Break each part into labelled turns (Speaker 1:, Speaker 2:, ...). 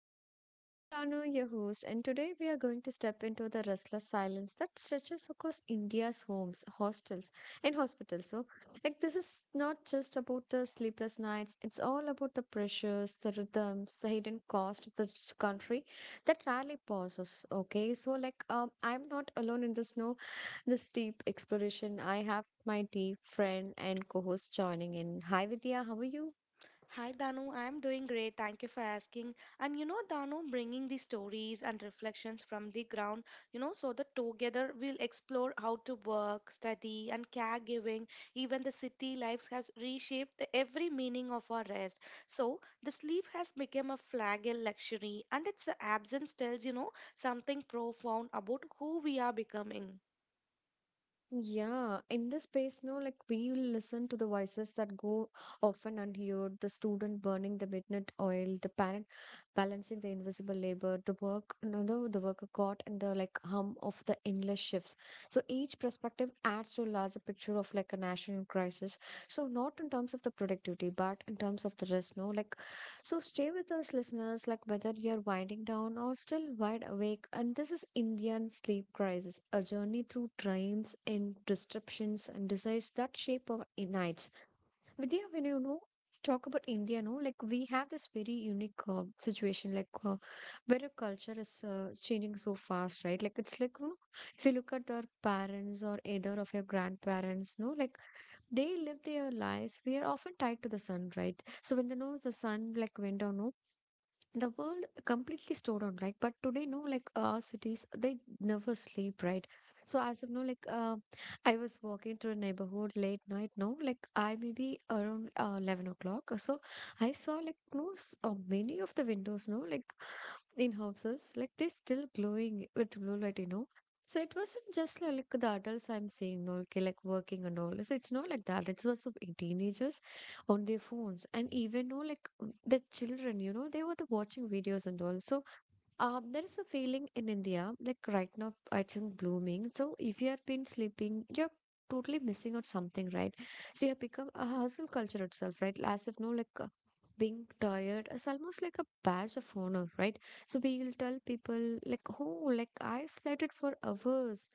Speaker 1: Crisis. I'm Danu, your host, and today we are going to step into the restless silence that stretches across India's homes, hostels, and hospitals. So, like, this is not just about the sleepless nights, it's all about the pressures, the rhythms, the hidden cost of this country that rarely pauses. Okay, so, like, I'm not alone in this, no, this deep exploration. I have my deep friend and co host joining in. Hi, Vidya, how are you?
Speaker 2: Hi Danu, I'm doing great. Thank you for asking. And you know, Danu, bringing the stories and reflections from the ground, you know, so that together we'll explore how to work, study, and caregiving. Even the city lives has reshaped the every meaning of our rest. So the sleep has become a fragile luxury, and its absence tells you know something profound about who we are becoming.
Speaker 1: Yeah, in this space, no, like we will listen to the voices that go often unheard, the student burning the midnight oil, the parent balancing the invisible labor, the work, no, no, the worker caught in the like hum of the endless shifts. So each perspective adds to a larger picture of like a national crisis. So not in terms of the productivity, but in terms of the risk, no, like so stay with us, listeners, like whether you're winding down or still wide awake. And this is Indian Sleep Crisis, a journey through dreams and disruptions and desires that shape our nights. Vidya, when you know, talk about India, no, like we have this very unique situation, like where a culture is changing so fast, right? Like it's like, you know, if you look at our parents or either of your grandparents, no, like they live their lives. We are often tied to the sun, right? So when the no the sun like went down, no, the world completely stored on, right? But today, no, like our cities, they never sleep, right? So as of now, like I was walking through a neighborhood late night, no, like I maybe around 11 o'clock, so I saw like no s- many of the windows, no, like in houses, like they still glowing with blue light, you know. So it wasn't just like the adults I'm seeing, no, okay, like working and all, so it's not like that. It was of teenagers on their phones, and even know like the children, you know, they were the watching videos and all. So um, there is a feeling in India, like right now it's in blooming, so if you have been sleeping, you're totally missing out something, right? So you have become a hustle culture itself, right? As if no, like being tired is almost like a badge of honor, right? So we'll tell people like, oh, like I slept it for hours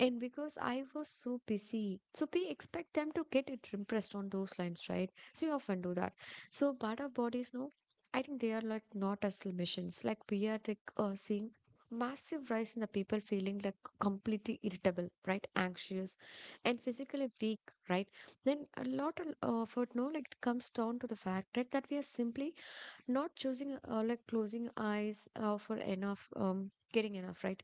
Speaker 1: and because I was so busy, so we expect them to get it impressed on those lines, right? So we often do that. So but our bodies, no, I think they are like not as missions. Like we are like seeing massive rise in the people feeling like completely irritable, right? Anxious and physically weak, right? Then a lot of effort, no, like it comes down to the fact that, we are simply not choosing, like closing eyes for enough, getting enough, right?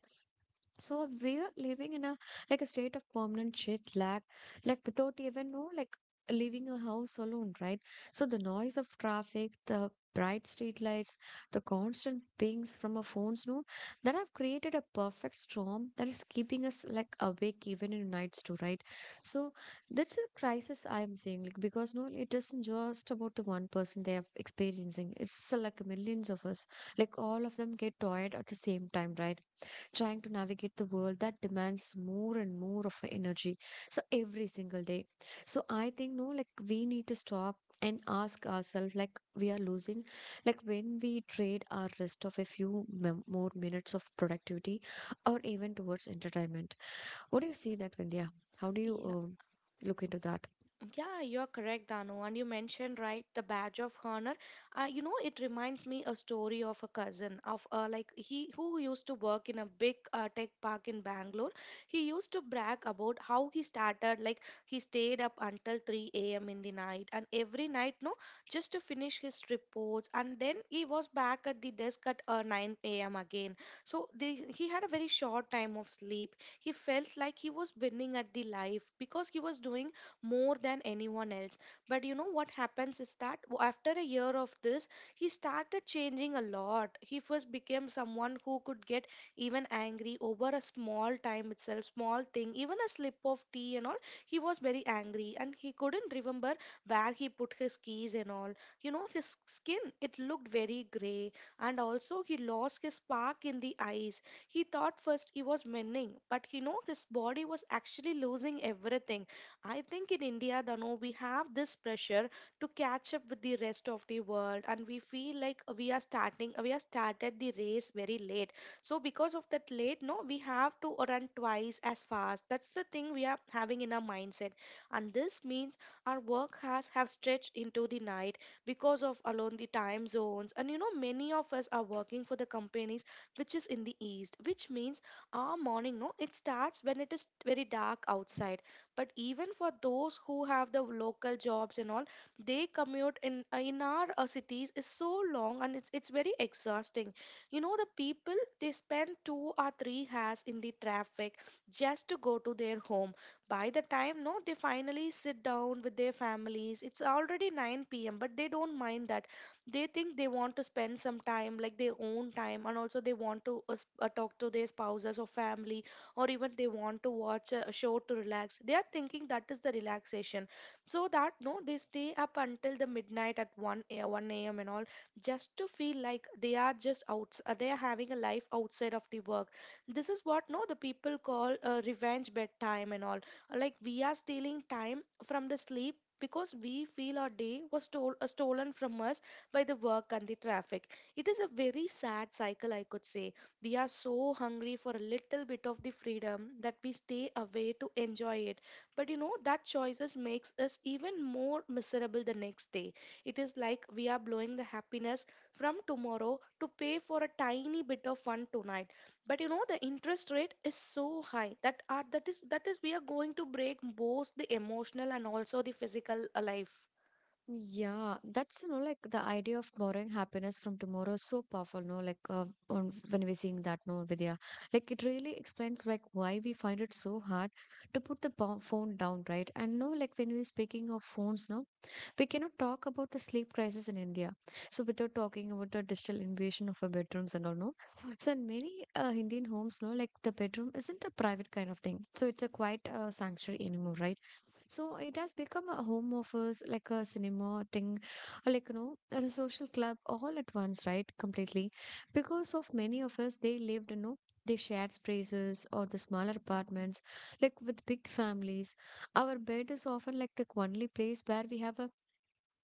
Speaker 1: So we are living in a like a state of permanent shit lag, like without even know like leaving a house alone, right? So the noise of traffic, the bright street lights, the constant pings from our phones, no, that have created a perfect storm that is keeping us like awake even in nights too, right? So that's a crisis I am saying, like because no, it isn't just about the one person they are experiencing. It's like millions of us, like all of them get tired at the same time, right? Trying to navigate the world that demands more and more of our energy. So every single day. So I think no, like we need to stop and ask ourselves like we are losing like when we trade our rest of a more minutes of productivity or even towards entertainment. What do you see that, Vindhya? How do you look into that?
Speaker 2: Yeah, you're correct, Danu. And you mentioned, right, the badge of honor. You know, it reminds me a story of a cousin of like he who used to work in a big tech park in Bangalore. He used to brag about how he started, like he stayed up until 3 a.m. in the night and every night, no, just to finish his reports. And then he was back at the desk at 9 a.m. again. So he had a very short time of sleep. He felt like he was winning at the life because he was doing more than anyone else. But you know what happens is that after a year of this, he started changing a lot. He first became someone who could get even angry over a small time itself, small thing, even a slip of tea and all. He was very angry and he couldn't remember where he put his keys and all. You know, his skin, it looked very grey, and also he lost his spark in the eyes. He thought first he was mending, but you know, his body was actually losing everything. I think in India, Dano, we have this pressure to catch up with the rest of the world, and we feel like we are starting, we are started the race very late. So because of that late, no, we have to run twice as fast. That's the thing we are having in our mindset, and this means our work has have stretched into the night because of alone the time zones. And you know, many of us are working for the companies which is in the east, which means our morning, no, it starts when it is very dark outside. But even for those who have the local jobs and all, they commute in our cities is so long, and it's very exhausting. You know, the people, they spend 2 or 3 hours in the traffic just to go to their home. By the time no they finally sit down with their families, it's already 9 p.m, but they don't mind that. They think they want to spend some time like their own time, and also they want to talk to their spouses or family, or even they want to watch a show to relax. They are thinking that is the relaxation. So that no they stay up until the midnight at 1 a.m and all, just to feel like they are just out, they are having a life outside of the work. This is what no the people call revenge bedtime and all. Like we are stealing time from the sleep because we feel our day was stolen from us by the work and the traffic. It is a very sad cycle, I could say. We are so hungry for a little bit of the freedom that we stay away to enjoy it. But you know that choices makes us even more miserable the next day. It is like we are blowing the happiness from tomorrow to pay for a tiny bit of fun tonight. But you know the interest rate is so high that is we are going to break both the emotional and also the physical life.
Speaker 1: Yeah, that's you know like the idea of borrowing happiness from tomorrow is so powerful, no? Like when we're seeing that, no, Vidya, like it really explains like why we find it so hard to put the phone down, right? And no, like when we're speaking of phones, no, we cannot talk about the sleep crisis in India. So without talking about the digital invasion of our bedrooms and all, no. So in many Indian homes, no, like the bedroom isn't a private kind of thing. So it's a quiet sanctuary anymore, right? So it has become a home office, like a cinema thing, or like, you know, a social club all at once, right? Completely. Because of many of us, they lived, you know, they shared spaces or the smaller apartments, like with big families. Our bed is often like the only place where we have a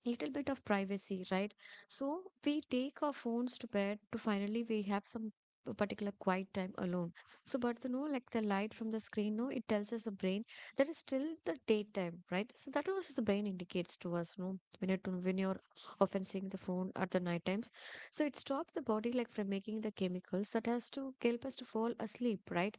Speaker 1: little bit of privacy, right? So we take our phones to bed to finally we have some particular quiet time alone. So, but the no, like the light from the screen, no, it tells us the brain that is still the daytime, right? So that was the brain indicates to us, no, when you're when you're often seeing the phone at the night times. So it stops the body like from making the chemicals that has to help us to fall asleep, right?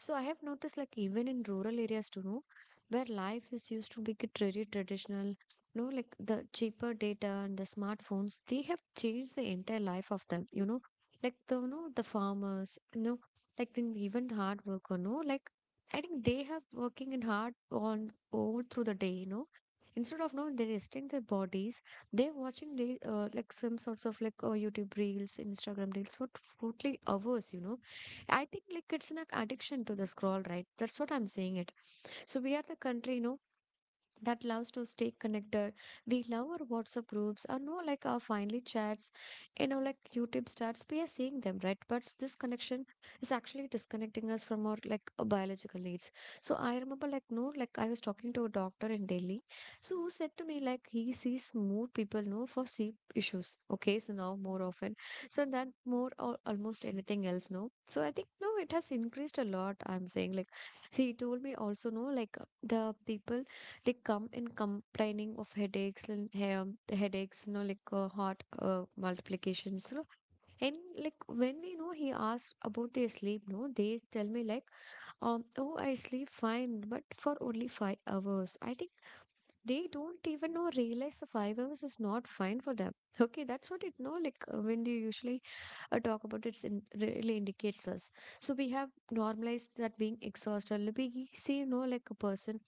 Speaker 1: So I have noticed like even in rural areas too, know, where life is used to be get very traditional, no, like the cheaper data and the smartphones, they have changed the entire life of them, you know. Like the you know, the farmers, you know, even the hard worker, no, like I think they have working in hard on all through the day, you know. Instead of no, they resting their bodies, they're watching the like some sorts of like YouTube reels, Instagram reels for totally hours, you know. I think like it's an addiction to the scroll, right? That's what I'm saying it. So we are the country, you know, that loves to stay connected. We love our WhatsApp groups or no like our finally chats, you know, like YouTube starts. We are seeing them, right? But this connection is actually disconnecting us from our like biological needs. So I remember like no, like I was talking to a doctor in Delhi. So who said to me like he sees more people no for sleep issues. Okay, so now more often. So that more or almost anything else, no. So I think no, it has increased a lot. I'm saying like see he told me also no like the people they come in complaining of headaches and hair, the headaches, you know, like heart multiplications. You know. And like when we know he asked about their sleep, no, they tell me like, oh, I sleep fine, but for only 5 hours. I think they don't even know realize the 5 hours is not fine for them. Okay, that's what it know. Like when they usually talk about it, it really indicates us. So we have normalized that being exhausted. Like, we see, you know, like a person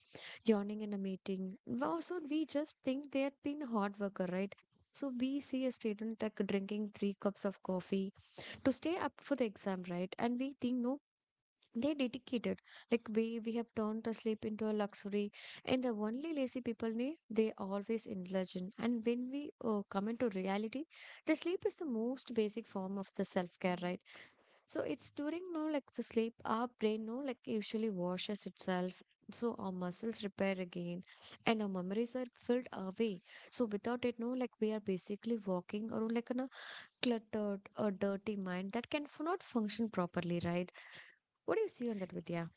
Speaker 1: yawning in a meeting. Wow, so we just think they had been a hard worker, right? So we see a student like drinking three cups of coffee to stay up for the exam, right? And we think no, they're dedicated. Like we have turned to sleep into a luxury, and the only lazy people need they always indulge in. And when we come into reality, the sleep is the most basic form of the self care, right? So it's during no like the sleep, our brain no like usually washes itself. So our muscles repair again and our memories are filled away. So without it, no, like we are basically walking around like in a cluttered or dirty mind that can not function properly, right? What do you see on that, Vidya?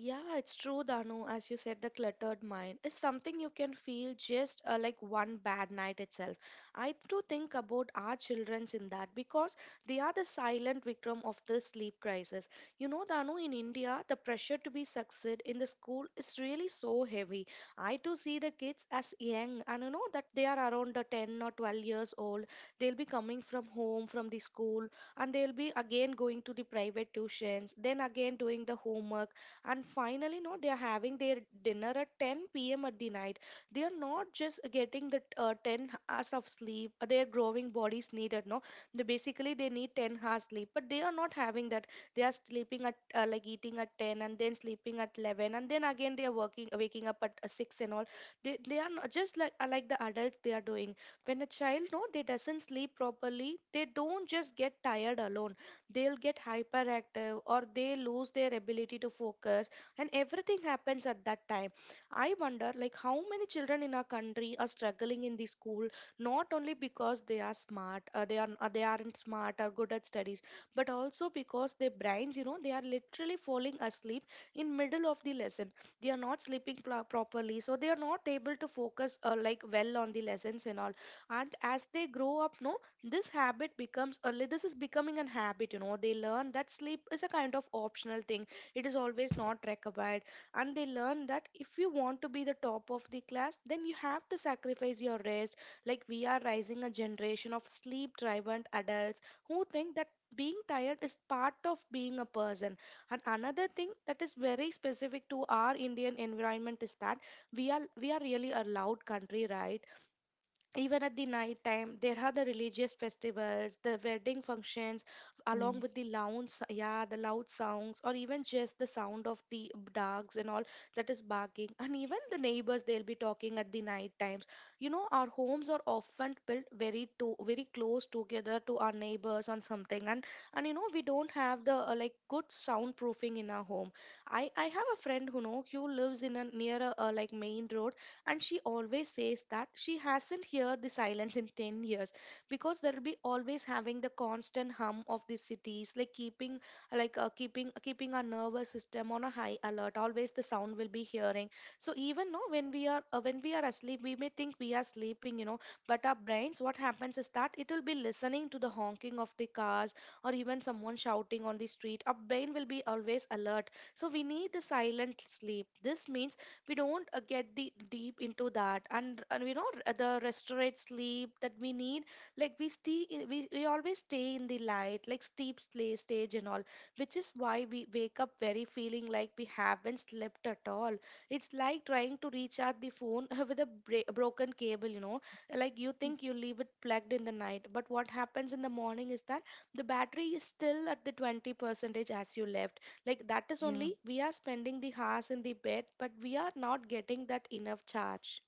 Speaker 2: Yeah, it's true, Danu. As you said, the cluttered mind is something you can feel just like one bad night itself. I do think about our childrens in that because they are the silent victim of this sleep crisis. You know, Danu, in India, the pressure to be succeed in the school is really so heavy. I do see the kids as young, and you know that they are around the 10 or 12 years old. They'll be coming from home, from the school, and they'll be again going to the private tuitions, then again doing the homework, and finally no they are having their dinner at 10 p.m at the night. They are not just getting the 10 hours of sleep their growing bodies needed, no, they basically they need 10 hours sleep, but they are not having that. They are sleeping at like eating at 10 and then sleeping at 11, and then again they are working waking up at 6 and all. They are not just like the adults they are doing. When a child no they doesn't sleep properly, they don't just get tired alone. They'll get hyperactive or they lose their ability to focus, and everything happens at that time. I wonder like how many children in our country are struggling in the school, not only because they are they aren't smart or good at studies, but also because their brains, you know, they are literally falling asleep in middle of the lesson. They are not sleeping properly, so they are not able to focus like well on the lessons and all. And as they grow up, no, this habit becomes this is becoming an habit. You know, they learn that sleep is a kind of optional thing. It is always not required. And they learn that if you want to be the top of the class, then you have to sacrifice your rest. Like we are raising a generation of sleep driven adults who think that being tired is part of being a person. And another thing that is very specific to our Indian environment is that we are really a loud country, right? Even at the night time there are the religious festivals, the wedding functions, along
Speaker 1: Yeah.
Speaker 2: with the yeah, the loud sounds, or even just the sound of the dogs and all that is barking, and even the neighbors they'll be talking at the night times. You know, our homes are often built very to very close together to our neighbors on something, and you know we don't have the like good soundproofing in our home. I have a friend who know who lives in a near a like main road, and she always says that she hasn't heard the silence in 10 years, because there will be always having the constant hum of the cities like keeping our nervous system on a high alert, always the sound will be hearing. So even no when we are when we are asleep we may think we are sleeping, you know, but our brains what happens is that it will be listening to the honking of the cars, or even someone shouting on the street. Our brain will be always alert, so we need the silent sleep. This means we don't get the deep into that, and you know the restorative sleep that we need. Like we always stay in the light like steep slay stage and all, which is why we wake up very feeling like we haven't slept at all. It's like trying to recharge the phone with a broken cable, you know. Like you
Speaker 1: Mm,
Speaker 2: think you leave it plugged in the night, but what happens in the morning is that the battery is still at the 20 percentage as you left. Like that is
Speaker 1: yeah,
Speaker 2: only we are spending the hours in the bed, but we are not getting that enough charge.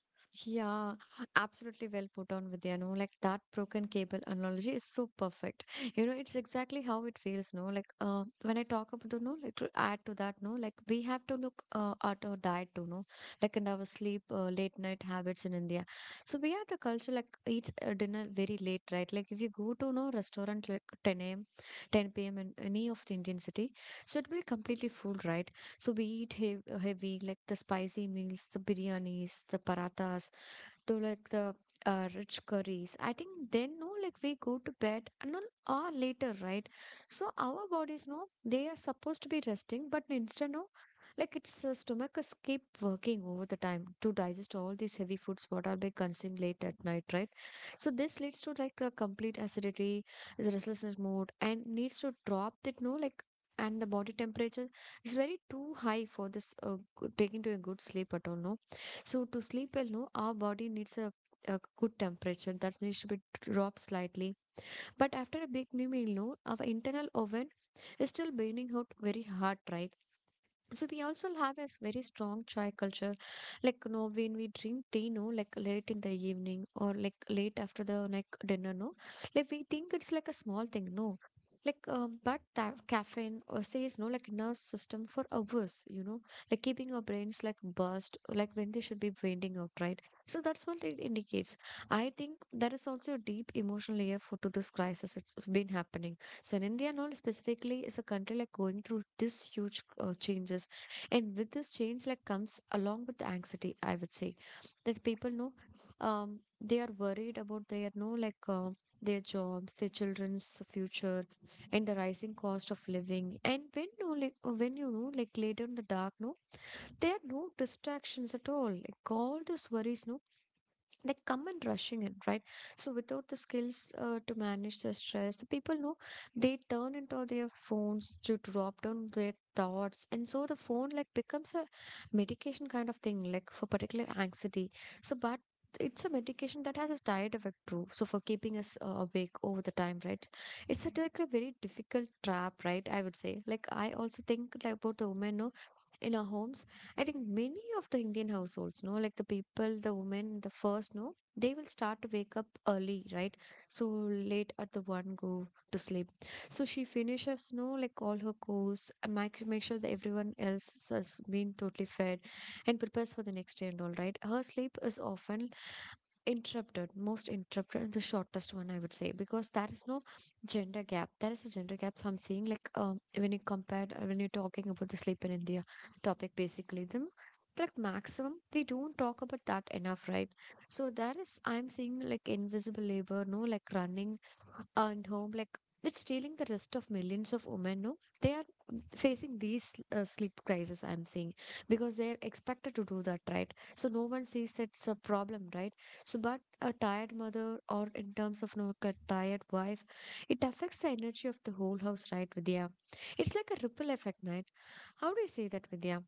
Speaker 1: yeah, absolutely well put on Vidya. No, like that broken cable analogy is so perfect. You know, it's exactly how it feels, no? Like when I talk about the no, like to add to that, no, like we have to look at our diet too, no? Like and our sleep, late night habits in India. So we have the culture like eats dinner very late, right? Like if you go to no restaurant like 10 a.m., 10 p.m. in any of the Indian city, so it will be completely full, right? So we eat heavy, heavy like the spicy meals, the biryanis, the parathas, to like the rich curries. I think then no, like we go to bed and all or later, right? So our bodies know they are supposed to be resting, but instead no, like its stomach is keep working over the time to digest all these heavy foods what are they consuming late at night, right? So this leads to like a complete acidity, the restlessness mode, and needs to drop that no like. And the body temperature is very too high for this taking to a good sleep at all, no? So to sleep well, no, our body needs a good temperature that needs to be dropped slightly. But after a big new meal, no, our internal oven is still burning out very hard, right? So we also have a very strong chai culture. Like, you know, when we drink tea, no, like late in the evening or like late after the like dinner, no, like we think it's like a small thing, no. Like, but that caffeine says no, like nervous system for hours, like keeping our brains like buzzed, like when they should be winding out, right? So that's what it indicates. I think there is also a deep emotional layer for to this crisis it's been happening. So in India, no, specifically, is a country like going through this huge changes, and with this change, like comes along with the anxiety. I would say that people know, they are worried about their no like their jobs, their children's future, and the rising cost of living. And when you like when you know like later in the dark, no, there are no distractions at all. Like all those worries, no like come and rushing in, right? So without the skills to manage the stress, the people know they turn into their phones to drop down their thoughts, and so the phone like becomes a medication kind of thing like for particular anxiety. So but it's a medication that has a side effect too, so for keeping us awake over the time, right? It's a, like a very difficult trap, right? I would say like I also think like about the women no in our homes. I think many of the Indian households no like the people the women the first no they will start to wake up early, right? So late at the one go to sleep. So she finishes no like all her course and make sure that everyone else has been totally fed and prepares for the next day and all, right? Her sleep is often interrupted, most interrupted, and the shortest one, I would say, because there is no gender gap. There is a gender gap. So I'm saying like, when you compare when you're talking about the sleep in India topic basically, then like maximum we don't talk about that enough, right? So there is, I'm seeing like invisible labor no like running and home like, it's stealing the rest of millions of women, no. They are facing these sleep crisis, I'm seeing, because they're expected to do that, right? So no one sees it's a problem, right? So, but a tired mother, or in terms of no, a tired wife, it affects the energy of the whole house, right, Vidya? It's like a ripple effect, right? How do you say that, Vidya?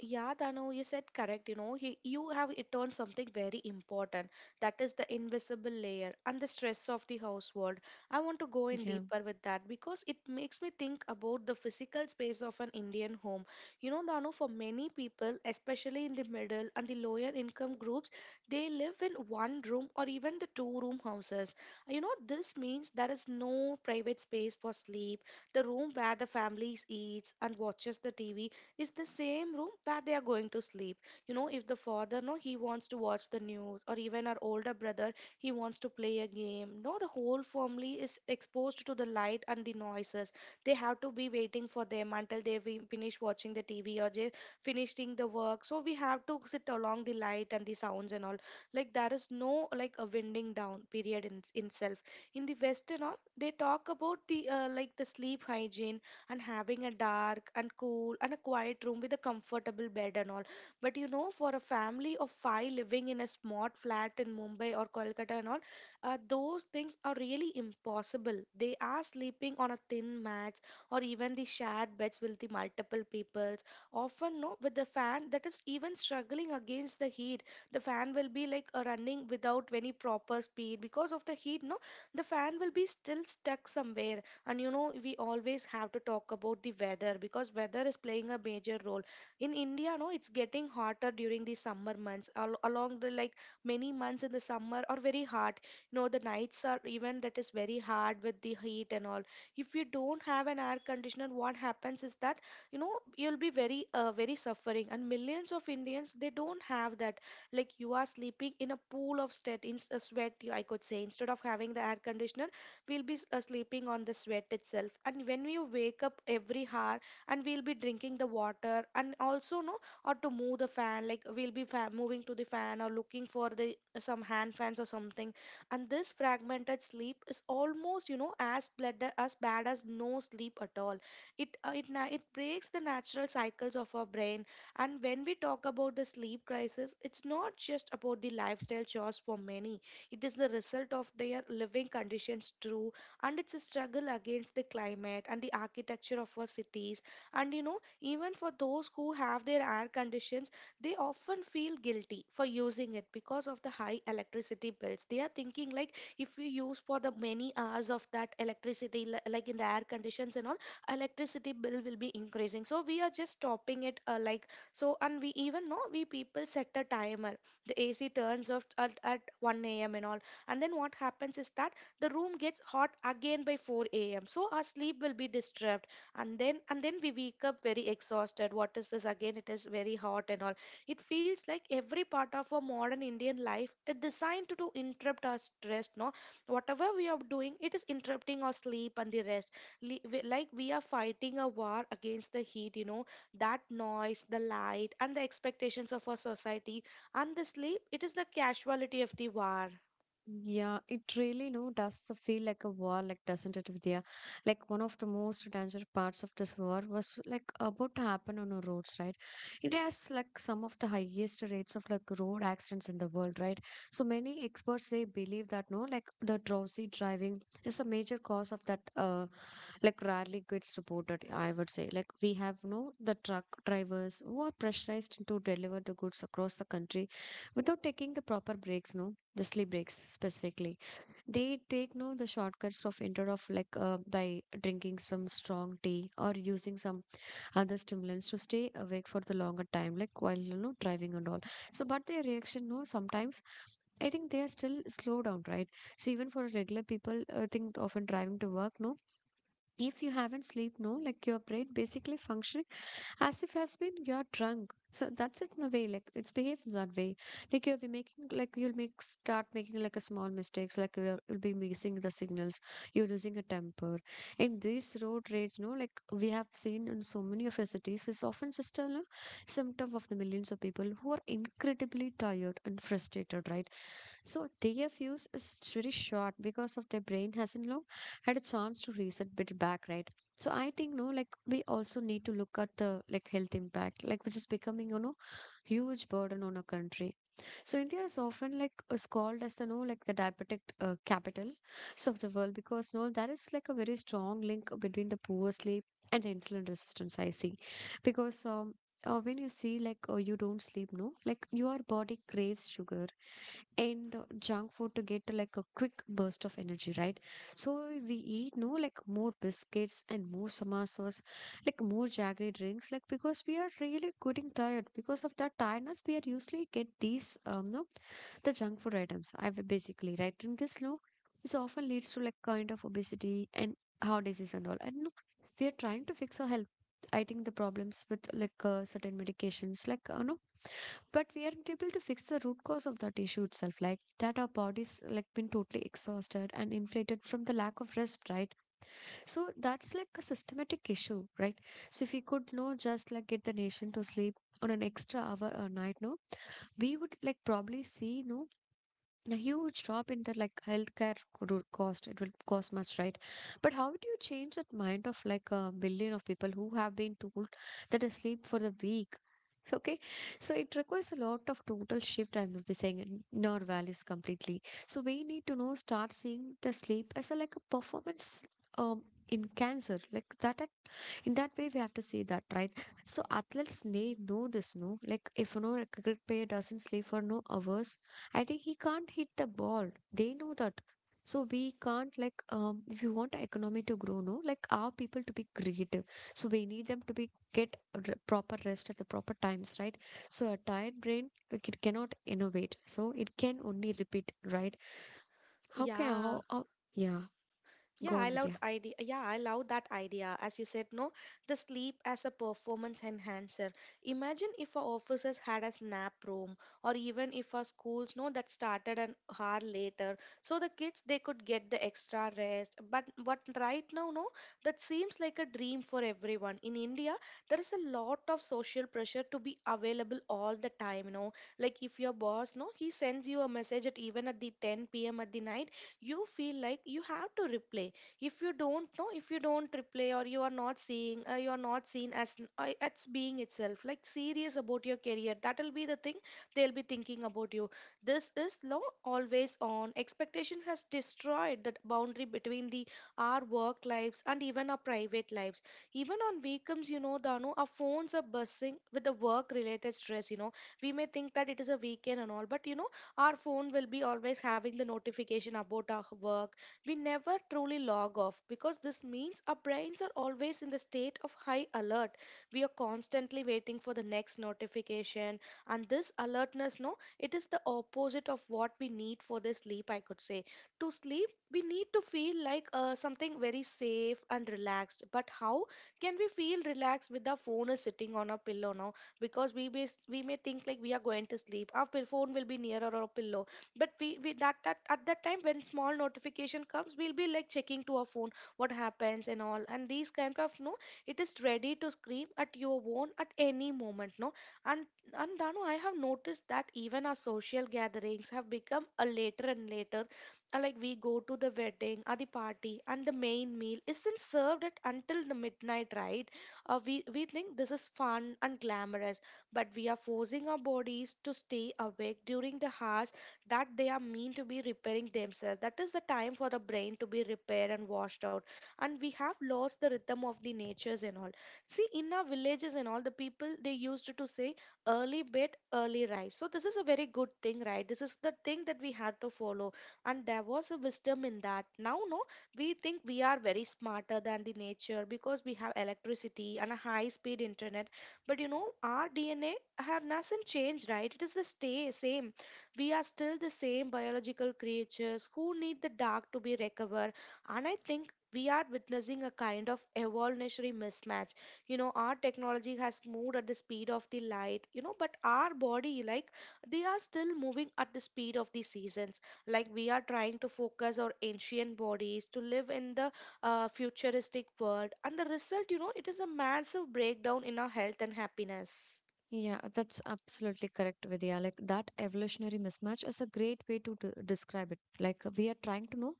Speaker 2: Yeah, Dano, you said correct. You know, you have it on something very important. That is the invisible layer and the stress of the household. I want to go in
Speaker 1: Yeah.
Speaker 2: deeper with that because it makes me think about the physical space of an Indian home. You know, Dano, for many people, especially in the middle and the lower income groups, they live in one room or even the two room houses. You know, this means there is no private space for sleep. The room where the families eats and watches the TV is the same room where they are going to sleep. You know, if the father, no, he wants to watch the news, or even our older brother he wants to play a game, no, the whole family is exposed to the light and the noises. They have to be waiting for them until they finish watching the TV, or they finishing the work. So we have to sit along the light and the sounds and all. Like, there is no like a winding down period in itself. In the western, all they talk about the like the sleep hygiene and having a dark and cool and a quiet room with a comfortable bed and all. But you know, for a family of five living in a smart flat in Mumbai or Kolkata and all, those things are really impossible. They are sleeping on a thin mats or even the shared beds with the multiple peoples. Often, no, with the fan that is even struggling against the heat, the fan will be like running without any proper speed because of the heat. No, the fan will be still stuck somewhere. And you know, we always have to talk about the weather because weather is playing a major role in india. No, it's getting hotter during the summer months, along the like many months in the summer are very hot. You know, the nights are even that is very hard with the heat and all. If you don't have an air conditioner, what happens is that, you know, you'll be very very suffering, and millions of indians they don't have that. Like, you are sleeping in a pool of sweat, in sweat I could say, instead of having the air conditioner we'll be sleeping on the sweat itself, and when you wake up every hour and we'll be drinking the water, and also, no, or to move the fan, like we'll be moving to the fan or looking for the some hand fans or something. And this fragmented sleep is almost, you know, as bad as bad as no sleep at all. It it breaks the natural cycles of our brain. And when we talk about the sleep crisis, it's not just about the lifestyle chores. For many, it is the result of their living conditions too, and it's a struggle against the climate and the architecture of our cities. And you know, even for those who have their air conditions, they often feel guilty for using it because of the high electricity bills. They are thinking, like, if we use for the many hours of that electricity, like in the air conditions and all, electricity bill will be increasing. So we are just stopping it like, so, and we even know we people set a timer, the AC turns off at 1 a.m. and all. And then what happens is that the room gets hot again by 4 a.m. So our sleep will be disturbed. And then we wake up very exhausted. What is this again? It is very hot and all. It feels like every part of our modern Indian life is designed to interrupt our stress. No, whatever we are doing, it is interrupting our sleep and the rest. Like we are fighting a war against the heat. You know, that noise, the light, and the expectations of our society and the sleep, it is the casualty of the war.
Speaker 1: Yeah, it really no does the feel like a war, like doesn't it, Vidya? Like one of the most dangerous parts of this war was like about to happen on our roads, right? It has like some of the highest rates of like road accidents in the world, right? So many experts they believe that no, like the drowsy driving is a major cause of that like rarely gets reported, I would say. Like we have no the truck drivers who are pressurized to deliver the goods across the country without taking the proper breaks, no, the sleep breaks specifically. They take no the shortcuts of instead of like by drinking some strong tea or using some other stimulants to stay awake for the longer time, like while you know driving and all. So but their reaction no sometimes I think they are still slow down, right? So even for regular people, I think often driving to work, no, if you haven't slept no like your brain basically functioning as if has been you're drunk, so that's it. In a way like it's behaved that way, like you'll be making like you'll make start making like a small mistakes, like you'll be missing the signals, you're losing a temper. And this road rage no like we have seen in so many of our cities is often just a no, symptom of the millions of people who are incredibly tired and frustrated, right? So their fuse is very short because of their brain hasn't long had a chance to reset bit back, right? So I think no, like we also need to look at the like health impact, like which is becoming, you know, huge burden on a country. So India is often like is called as the no like the diabetic capital so of the world, because no there is like a very strong link between the poor sleep and the insulin resistance. I see, because. When you see like you don't sleep no like your body craves sugar and junk food to get like a quick burst of energy, right? So we eat no like more biscuits and more samosas, like more jaggery drinks, like because we are really getting tired. Because of that tiredness, we are usually get these no the junk food items. I basically right in this low, this often leads to like kind of obesity and heart disease and all. And no, we are trying to fix our health. I think the problems with like certain medications, like no but we aren't able to fix the root cause of that issue itself, like that our bodies like been totally exhausted and inflated from the lack of rest, right? So that's like a systematic issue, right? So if we could know just like get the nation to sleep on an extra hour a night, no, we would like probably see no a huge drop in the like healthcare cost. It will cost much, right? But how do you change that mind of like a billion of people who have been told that they sleep for the week? Okay, so it requires a lot of total shift, I will be saying, in our values completely. So we need to know start seeing the sleep as a like a performance, um in cancer like in that way we have to see that, right? So athletes need know this, no, like if no like, a cricket player doesn't sleep for no hours, I think he can't hit the ball. They know that. So we can't like, if you want economy to grow, no, like our people to be creative. So we need them to be get proper rest at the proper times, right? So a tired brain like it cannot innovate. So it can only repeat, right? How can
Speaker 2: Yeah.
Speaker 1: how, how yeah,
Speaker 2: Yeah,
Speaker 1: go
Speaker 2: I
Speaker 1: on with.
Speaker 2: loved idea. Yeah, I love that idea. As you said, no, the sleep as a performance enhancer. Imagine if our offices had a nap room, or even if our schools, no, that started an hour later, so the kids they could get the extra rest. But right now, no, that seems like a dream for everyone. In India, there is a lot of social pressure to be available all the time. You know, like if your boss, no, he sends you a message at even at the 10 p.m. at the night, you feel like you have to replay. If you don't know, if you don't replay, or you are not seeing, you are not seen as being itself like serious about your career, that will be the thing they'll be thinking about you. This is law always on expectations has destroyed that boundary between the our work lives and even our private lives. Even on weekends, you know, danu, our phones are buzzing with the work related stress. You know, we may think that it is a weekend and all, but you know, our phone will be always having the notification about our work. We never truly log off, because this means our brains are always in the state of high alert. We are constantly waiting for the next notification, and this alertness, no, it is the opposite of what we need for the sleep I could say. To sleep, we need to feel like something very safe and relaxed, but how can we feel relaxed with our phone is sitting on a pillow now? Because we may think like we are going to sleep, our phone will be near our pillow. But we that at that time when small notification comes, we'll be like checking to our phone, what happens and all. And these kind of, no, it is ready to scream at your phone at any moment, no. And and dano, I have noticed that even our social gatherings have become a later and later. Like we go to the wedding or the party, and the main meal isn't served at until the midnight, right? We think this is fun and glamorous, but we are forcing our bodies to stay awake during the hours that they are meant to be repairing themselves. That is the time for the brain to be repaired and washed out. And we have lost the rhythm of the natures and all. See, in our villages and all, the people they used to say early bed, early rise. So this is a very good thing, right? This is the thing that we had to follow. And there was a wisdom in that. Now, no, we think we are very smarter than the nature because we have electricity and a high speed internet. But you know, our DNA have nothing changed, right? It is the stay same. We are still the same biological creatures who need the dark to be recovered. And I think we are witnessing a kind of evolutionary mismatch. You know, our technology has moved at the speed of the light, you know, but our body, like, they are still moving at the speed of the seasons. Like, we are trying to focus our ancient bodies to live in the futuristic world, and the result, you know, it is a massive breakdown in our health and happiness.
Speaker 1: Yeah, that's absolutely correct, Vidya. Like that evolutionary mismatch is a great way to describe it. Like we are trying to know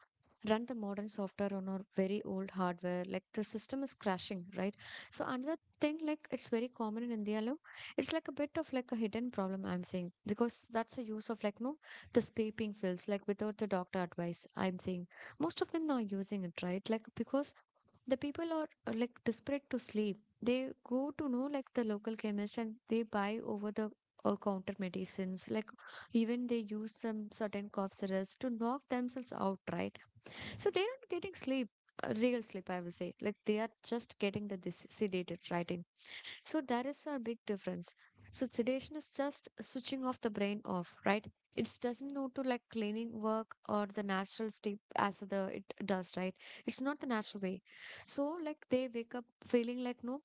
Speaker 1: run the modern software on our very old hardware. Like the system is crashing, right? So another thing, like it's very common in India, lo, it's like a bit of like a hidden problem, I'm saying, because that's a use of like no, the vaping pills, like without the doctor advice. I'm saying most of them now are using it, right? Like because the people are like desperate to sleep. They go to know like the local chemist and they buy over the counter medicines, like even they use some certain cough syrups to knock themselves out, right? So they're not getting sleep, real sleep, I would say. Like they are just getting the sedated, right? So that is our big difference. So sedation is just switching off the brain off, right? It doesn't know to like cleaning work or the natural sleep as the it does, right? It's not the natural way. So like they wake up feeling like no,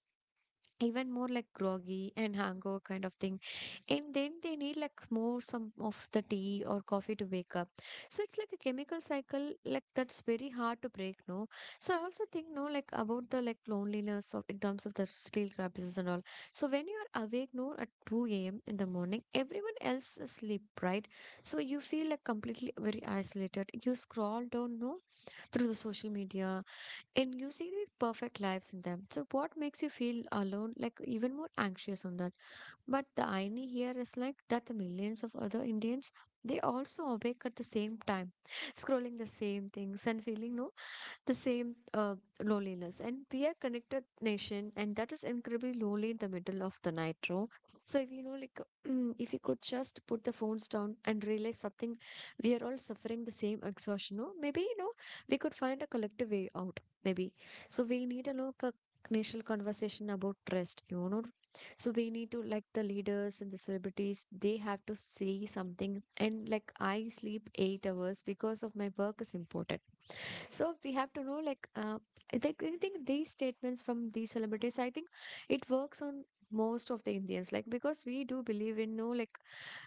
Speaker 1: even more like groggy and hangover kind of thing, and then they need like more some of the tea or coffee to wake up. So it's like a chemical cycle like that's very hard to break, no. So I also think no like about the like loneliness of in terms of the sleep paralysis and all. So when you are awake no at 2 a.m in the morning, everyone else is asleep, right? So you feel like completely very isolated. You scroll down no through the social media and you see the perfect lives in them. So what makes you feel alone, like even more anxious on that? But the irony here is like that the millions of other Indians they also awake at the same time, scrolling the same things and feeling no the same loneliness. And we are connected nation, and that is incredibly lonely in the middle of the night, row. So if you know, like, if you could just put the phones down and realize something, we are all suffering the same exhaustion. No, maybe you know, we could find a collective way out. Maybe so we need a local national conversation about trust. You know, so we need to like the leaders and the celebrities, they have to say something. And like I sleep 8 hours because of my work is important so we have to know, like, I think these statements from these celebrities, I think it works on most of the Indians, like, because we do believe in, no, like,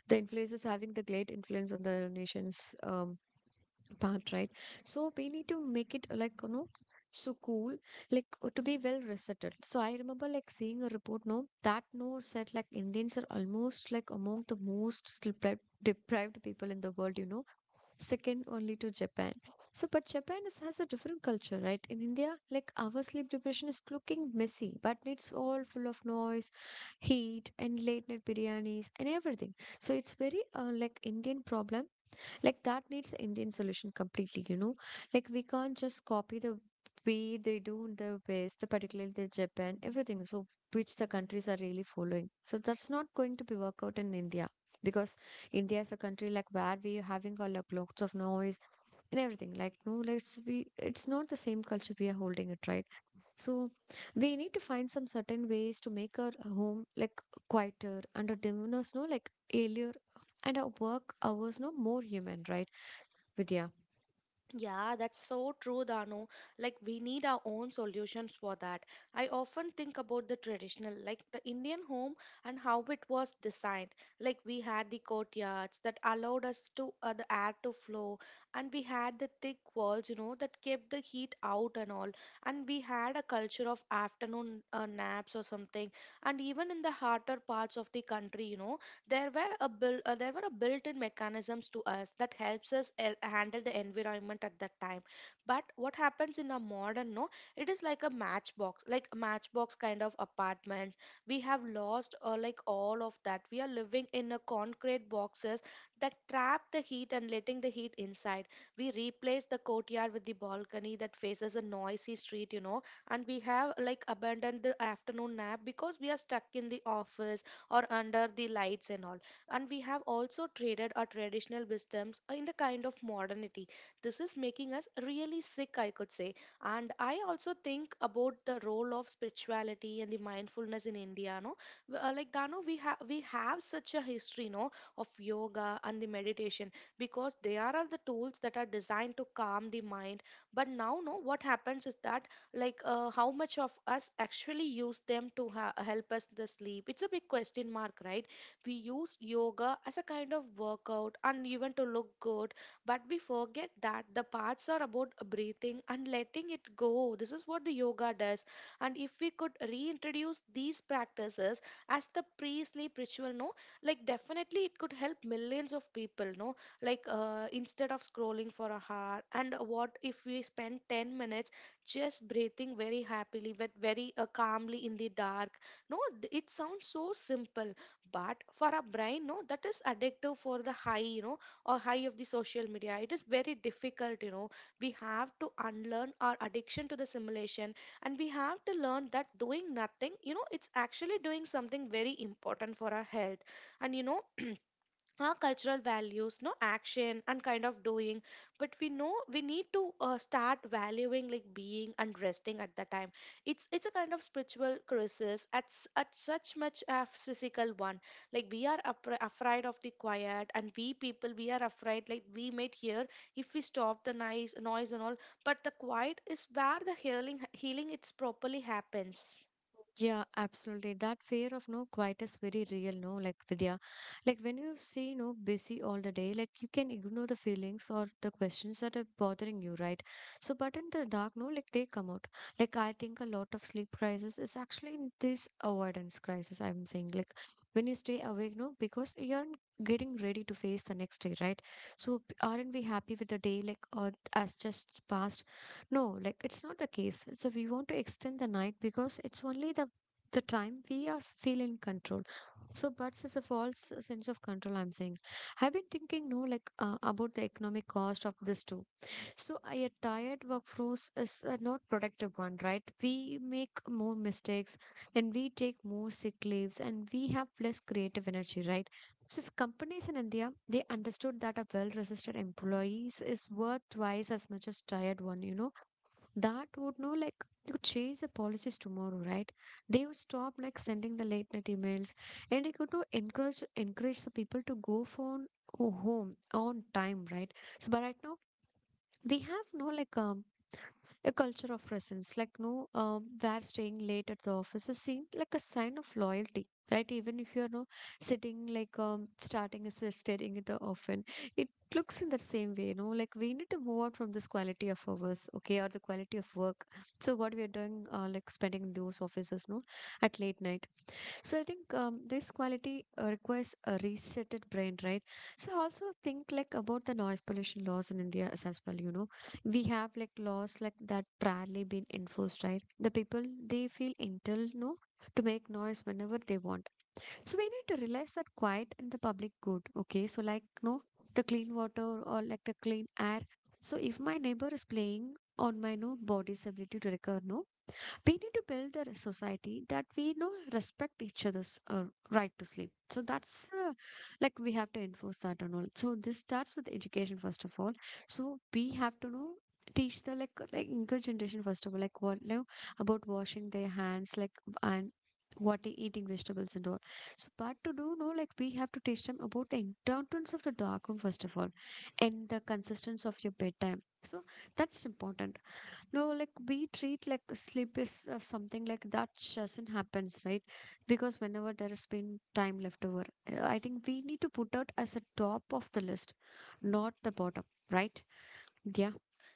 Speaker 1: the influences having the great influence on the nation's part, right? So we need to make it, like, you know, so cool, like, to be well resettled. So I remember, like, seeing a report, no, that no said, like, Indians are almost, like, among the most sleep deprived people in the world, you know second only to Japan. So, but Japan is, has a different culture, right? In India, like our sleep depression is looking messy, but it's all full of noise, heat, and late night biryanis and everything. So it's very like Indian problem like that needs Indian solution completely, you know. Like we can't just copy the way they do in the West, the particularly the Japan, everything. So which the countries are really following. So that's not going to be work out in India because India is a country like where we are having all like lots of noise and everything. Like no, let's we it's not the same culture we are holding it right. So we need to find some certain ways to make our home like quieter and our dinners no like earlier and our work hours no more human right Vidya.
Speaker 2: Yeah, that's so true, Dano. Like, we need our own solutions for that. I often think about the traditional, like the Indian home, and how it was designed. Like, we had the courtyards that allowed us to the air to flow, and we had the thick walls, you know, that kept the heat out and all. And we had a culture of afternoon naps or something. And even in the harder parts of the country, you know, there were a built-in mechanisms to us that helps us handle the environment at that time. But what happens in a modern, no, it is like a matchbox, like matchbox kind of apartments. We have lost, like all of that, we are living in a concrete boxes that trap the heat and letting the heat inside. We replace the courtyard with the balcony that faces a noisy street, you know. And we have like abandoned the afternoon nap because we are stuck in the office or under the lights and all. And we have also traded our traditional wisdoms in the kind of modernity. This is making us really sick I could say. And I also think about the role of spirituality and the mindfulness in india, no. Like dano, we have such a history, no, of yoga and the meditation, because they are the tools that are designed to calm the mind. But now, no, what happens is that, like, how much of us actually use them to help us the sleep? It's a big question mark, right? We use yoga as a kind of workout and even to look good, but we forget that the parts are about breathing and letting it go. This is what the yoga does. And if we could reintroduce these practices as the pre-sleep ritual, no, like definitely it could help millions of people, no. Like, instead of scrolling for a hour, and what if we spend 10 minutes just breathing very happily, but very calmly in the dark. No, it sounds so simple, but for our brain, no, that is addictive for the high, you know, or high of the social media. It is very difficult, you know. We have to unlearn our addiction to the simulation, and we have to learn that doing nothing, it's actually doing something very important for our health. And you know, our cultural values no action and kind of doing but we know we need to start valuing like being and resting at that time. It's a kind of spiritual crisis at at such much a physical one. Like we are afraid of the quiet, and we people we are afraid like we might hear if we stop the noise and all. But the quiet is where the healing it's properly happens.
Speaker 1: Yeah, absolutely. That fear of no quiet is very real, no? Like Vidya, like when you see no busy all the day, like you can ignore the feelings or the questions that are bothering you, right? So, but in the dark, no, like they come out. Like I think a lot of sleep crisis is actually in this avoidance crisis. I'm saying like when you stay awake, no, because you're getting ready to face the next day, right? So, aren't we happy with the day like or as just passed? No, like it's not the case. So we want to extend the night because it's only the time we are feel in control. So, but it's a false sense of control. I'm saying. I've been thinking, no, like about the economic cost of this too. So, a tired workforce is a not productive one, right? We make more mistakes, and we take more sick leaves, and we have less creative energy, right? So, if companies in India they understood that a well-resisted employees is worth twice as much as tired one, you know that would know like they could change the policies tomorrow, right? They would stop like sending the late night emails and it could to encourage the people to go home on time, right? So but right now they have no like a culture of presence like no where staying late at the office is seen like a sign of loyalty, right? Even if you're no sitting like starting as a staring at the often it looks in the same way, you know, like we need to move on from this quality of hours okay or the quality of work so what we are doing like spending in those offices no at late night so I think this quality requires a resetted brain, right? So also think like about the noise pollution laws in India as well. You know, we have like laws like that rarely been enforced, right? The people they feel entitled, no, to make noise whenever they want. So we need to realize that quiet and the public good. Okay, so like no, the clean water or like the clean air. So if my neighbor is playing on my no body's ability to recover, no we need to build a society that we know respect each other's right to sleep so that's like we have to enforce that and all so this starts with education first of all so we have to know teach the like younger generation first of all like what like, about washing their hands like and what they eating vegetables and all so but to do know like we have to teach them about the importance of the dark room first of all and the consistency of your bedtime so that's important no, like we treat like sleep is something like that doesn't happens, right? Because whenever there has been time left over, I think we need to put out as a top of the list, not the bottom, right? Yeah.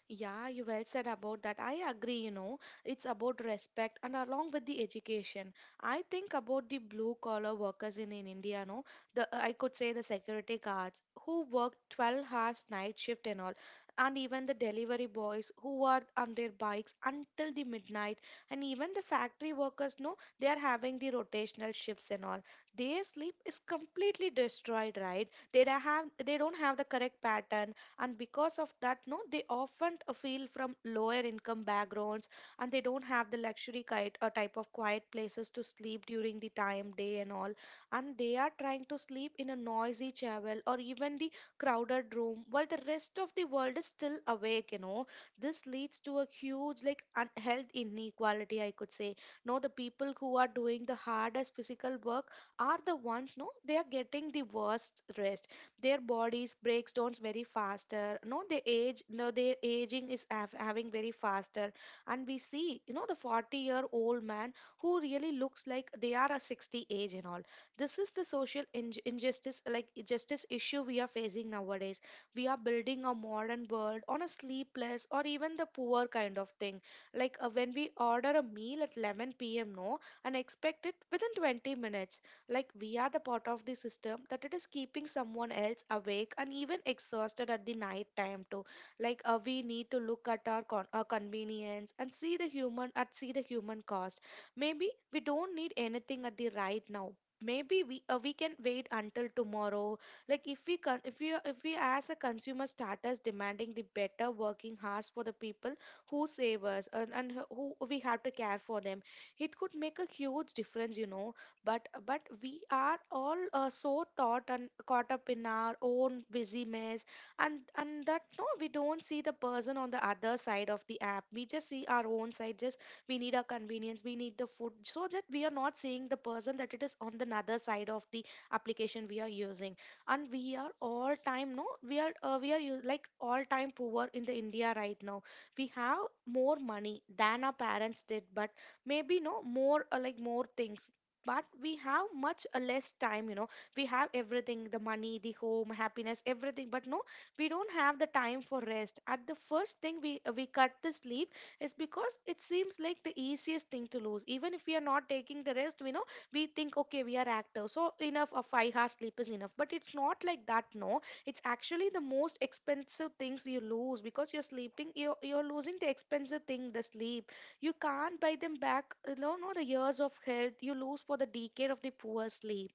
Speaker 2: Yeah, you well said about that. I agree, you know, it's about respect and along with the education. I think about the blue collar workers in India, no, the I could say the security guards who work 12 hours night shift and all, and even the delivery boys who are on their bikes until the midnight, and even the factory workers, no, they are having the rotational shifts and all. Their sleep is completely destroyed, right? They don't have the correct pattern, and because of that no they often feel from lower income backgrounds, and they don't have the luxury kind, type of quiet places to sleep during the time day and all, and they are trying to sleep in a noisy chapel or even the crowded room while the rest of the world is still awake, you know. This leads to a huge like health inequality, I could say. No, the people who are doing the hardest physical work are the ones, no, they are getting the worst rest. Their bodies breaks down very faster, no they age, no their aging is having very faster. And we see, you know, the 40-year-old man who really looks like they are a 60 age and all. This is the social injustice like justice issue we are facing nowadays. We are building a modern world on a sleepless or even the poor kind of thing. Like when we order a meal at 11 p.m. no and expect it within 20 minutes. Like we are the part of the system that it is keeping someone else awake and even exhausted at the night time too. Like we need to look at our convenience and see the human at see the human cost. Maybe we don't need anything at the right now. Maybe we can wait until tomorrow. Like if we if we if we as a consumer starters demanding the better working hours for the people who save us, and who we have to care for them. It could make a huge difference, you know. But we are all so thought and caught up in our own busy mess, and that no we don't see the person on the other side of the app, we just see our own side, just we need our convenience, we need the food, so that we are not seeing the person that it is on the other side of the application we are using. And we are all time, no we are we are like all time poor in the India right now. We have more money than our parents did, but maybe no more like more things, but we have much less time, you know. We have everything, the money, the home, happiness, everything, but no we don't have the time for rest. At the first thing we cut the sleep is because it seems like the easiest thing to lose. Even if we are not taking the rest, we know we think okay we are active so enough of 5 hours sleep is enough, but it's not like that, no. It's actually the most expensive things you lose, because you're sleeping you're losing the expensive thing, the sleep. You can't buy them back. You know the years of health you lose for the decade of the poor sleep.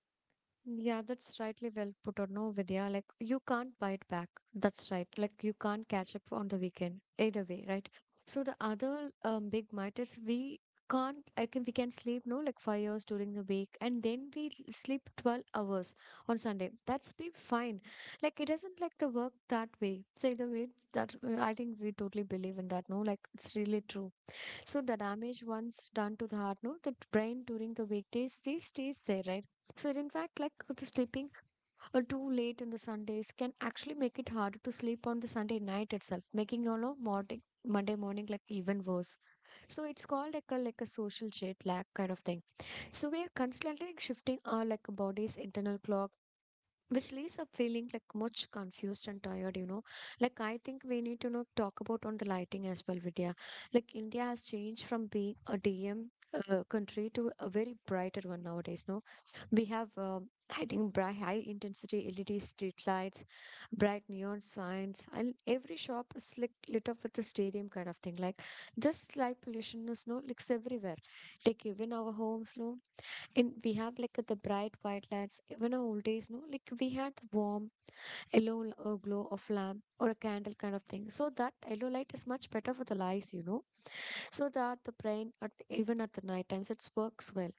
Speaker 1: Yeah, that's rightly well put or no, Vidya. Like you can't buy it back. That's right. Like you can't catch up on the weekend either way, right? So the other big might is we can't I can we can sleep no like 5 hours during the week and then we sleep 12 hours on Sunday. That's be fine. Like it doesn't like the work that way. Say the way that I think we totally believe in that. No, like it's really true. So the damage once done to the heart, no, the brain during the weekdays, they stays there, right? So in fact, like the sleeping too late on the Sundays can actually make it harder to sleep on the Sunday night itself, making you know morning Monday morning like even worse. So it's called like a social jet lag kind of thing. So we are constantly shifting our like body's internal clock which leaves up feeling like much confused and tired, you know. Like I think we need to know talk about on the lighting as well, Vidya. Like India has changed from being a dm country to a very brighter one nowadays no we have I think bright high intensity LED street lights, bright neon signs, and every shop is like lit up with a stadium kind of thing. Like this light pollution is no like everywhere. Like even our homes, no and we have like the bright white lights, even our old days, no? Like we had the warm yellow glow of lamp or a candle kind of thing. So that yellow light is much better for the eyes, you know. So that the brain, at, even at the night times, it works well.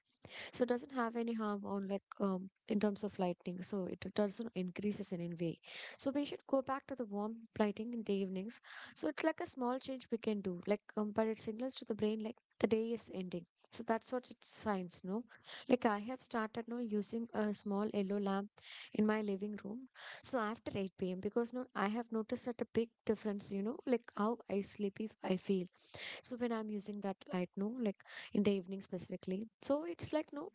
Speaker 1: So it doesn't have any harm on like in terms of lighting. So it doesn't increases in any way. So we should go back to the warm lighting in the evenings. So it's like a small change we can do. Like but it signals to the brain like the day is ending. So that's what it signs, no? Like I have started now using a small yellow lamp in my living room. So after 8 p.m. because no I have noticed that a big difference, you know, like how I sleepy I feel. So when I'm using that light, no, like in the evening specifically. So it's like no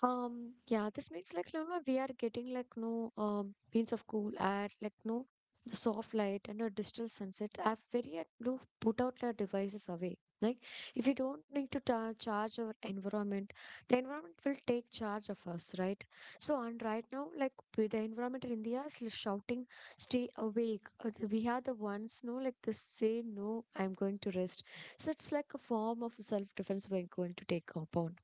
Speaker 1: yeah, this means like you know, we are getting like no means of cool air, like no the soft light and a digital sunset are very at no put out their devices away. Like if we don't need to ta charge our environment, the environment will take charge of us, right? So and right now, like with the environment in India is like shouting, "Stay awake!" We are the ones, no, like this say, "No, I'm going to rest." So it's like a form of self-defense we're going to take upon,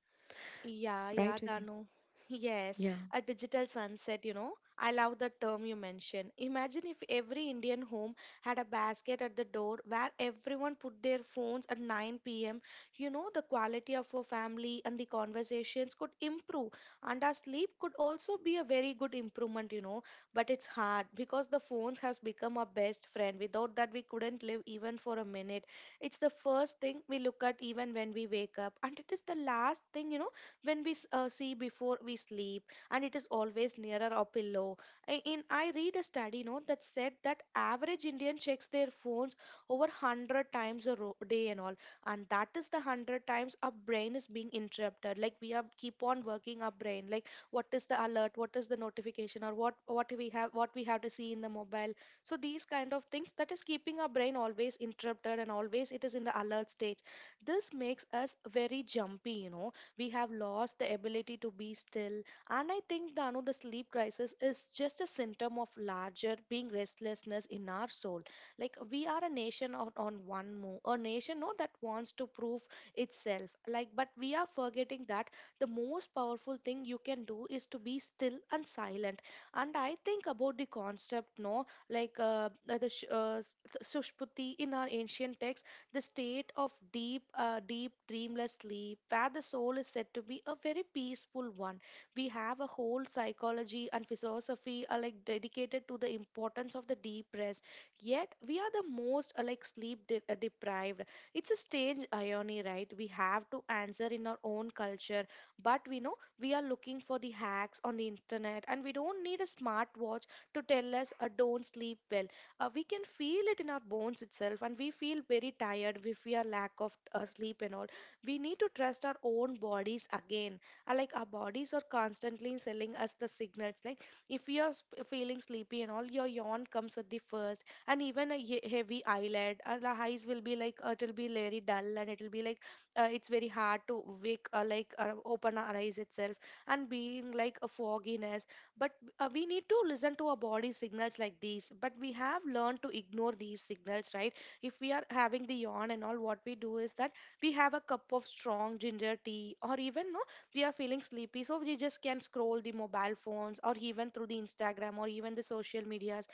Speaker 2: Yeah, yeah,
Speaker 1: right? With you,
Speaker 2: Danu. Yes,
Speaker 1: yeah.
Speaker 2: a digital sunset, you know. I love the term you mentioned. Imagine if every Indian home had a basket at the door where everyone put their phones at 9 p.m. You know, the quality of our family and the conversations could improve, and our sleep could also be a very good improvement, you know. But it's hard because the phones has become our best friend. Without that, we couldn't live even for a minute. It's the first thing we look at even when we wake up, and it is the last thing, you know, when we see before we sleep, and it is always nearer our pillow. In I read a study note that said that average Indian checks their phones over 100 times a day and all, and that is the 100 times our brain is being interrupted. Like we are keep on working our brain. Like what is the alert? What is the notification? Or what we have what we have to see in the mobile? So these kind of things that is keeping our brain always interrupted, and always it is in the alert state. This makes us very jumpy, you know, we have lost the ability to be still. And I think, Danu, the sleep crisis is just a symptom of larger being restlessness in our soul. Like we are a nation on one move, a nation no that wants to prove itself, like but we are forgetting that the most powerful thing you can do is to be still and silent. And I think about the concept, no, like the sushputi in our ancient text, the state of deep, deep dreamless sleep, where the soul is said to be a very peaceful one. We have a whole psychology and philosophy are like dedicated to the importance of the deep rest. Yet we are the most like sleep deprived. It's a strange irony, right? We have to answer in our own culture, but we know we are looking for the hacks on the internet, and we don't need a smartwatch to tell us don't sleep well. We can feel it in our bones itself, and we feel very tired if we are lack of sleep and all. We need to trust our own bodies again. Like our bodies are constantly selling us the signals. Like if you are feeling sleepy and all, your yawn comes at the first, and even a heavy eyelid, and the eyes will be like it will be very dull, and it will be like it's very hard to wake like open our eyes itself, and being like a fogginess. But we need to listen to our body signals like these. But we have learned to ignore these signals, right? If we are having the yawn and all, what we do is that we have a cup of strong ginger tea, or even no, we are feeling sleepy, so we just can scroll the mobile phones, or even through the Instagram, or even the social medias.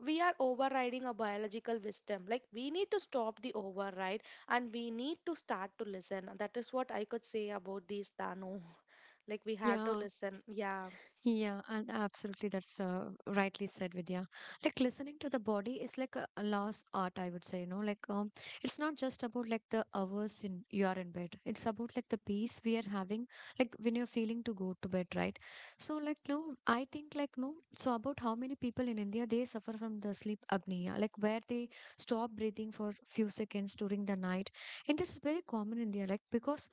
Speaker 2: We are overriding a biological wisdom. Like we need to stop the override, and we need to start to listen. That is what I could say about these, Dano. Like we have to
Speaker 1: Yeah,
Speaker 2: listen. Yeah.
Speaker 1: yeah, and absolutely, that's rightly said, Vidya. Like listening to the body is like a lost art, I would say. You know, like it's not just about like the hours in you are in bed. It's about like the peace we are having, like when you're feeling to go to bed, right? So like no, I think like no. So about how many people in India they suffer from the sleep apnea, like where they stop breathing for few seconds during the night, and this is very common in India, like because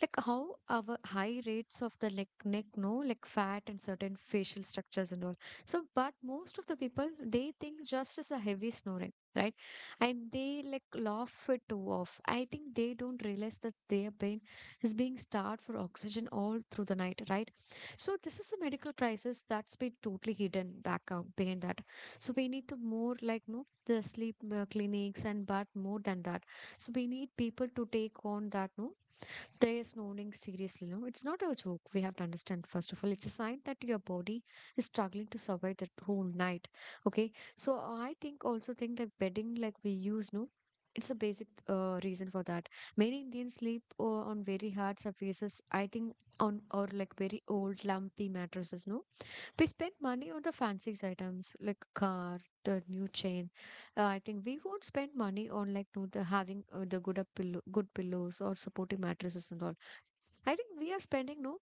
Speaker 1: like how our high rates of the like neck no like fat and certain facial structures and all. So but most of the people they think just as a heavy snoring, right? And they like laugh it too off. I think they don't realize that their brain is being starved for oxygen all through the night, right? So this is a medical crisis that's been totally hidden back out behind that. So we need to more like no the sleep clinics and but more than that, so we need people to take on that, no, they are snoring seriously, no. It's not a joke. We have to understand, first of all, it's a sign that your body is struggling to survive that whole night. Okay. So I think also think like bedding, like we use, no. It's a basic reason for that. Many Indians sleep on very hard surfaces. I think on or like very old lumpy mattresses. No, we spend money on the fancy items like car, the new chain. I think we won't spend money on like no, the having the good up pillow, good pillows or supporting mattresses and all. I think we are spending no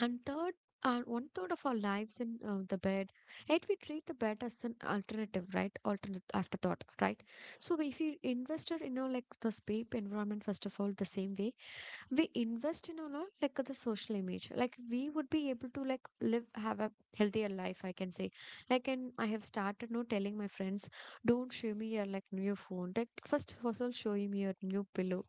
Speaker 1: and third and one third of our lives in the bed, yet we treat the bed as an alternative, right? Alternate afterthought, right? So if we invested in our like the sleep environment first of all, the same way we invest in our like the social image, like we would be able to like live have a healthier life, I can say. Like and I have started no telling my friends, don't show me your like new phone. Like first of all, show me your new pillow,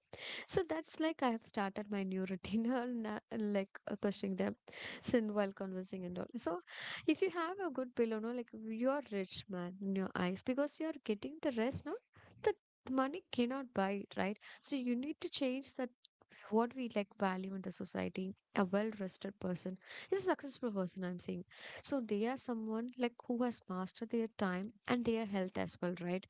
Speaker 1: so that's like I have started my new routine and like questioning them, so and while conversing and all. So if you have a good pillow, no, like you are rich man in your eyes because you are getting the rest, no, that money cannot buy it, right? So you need to change that what we like value in the society. A well-rested person is a successful person, I'm saying. So they are someone like who has mastered their time and their health as well, right?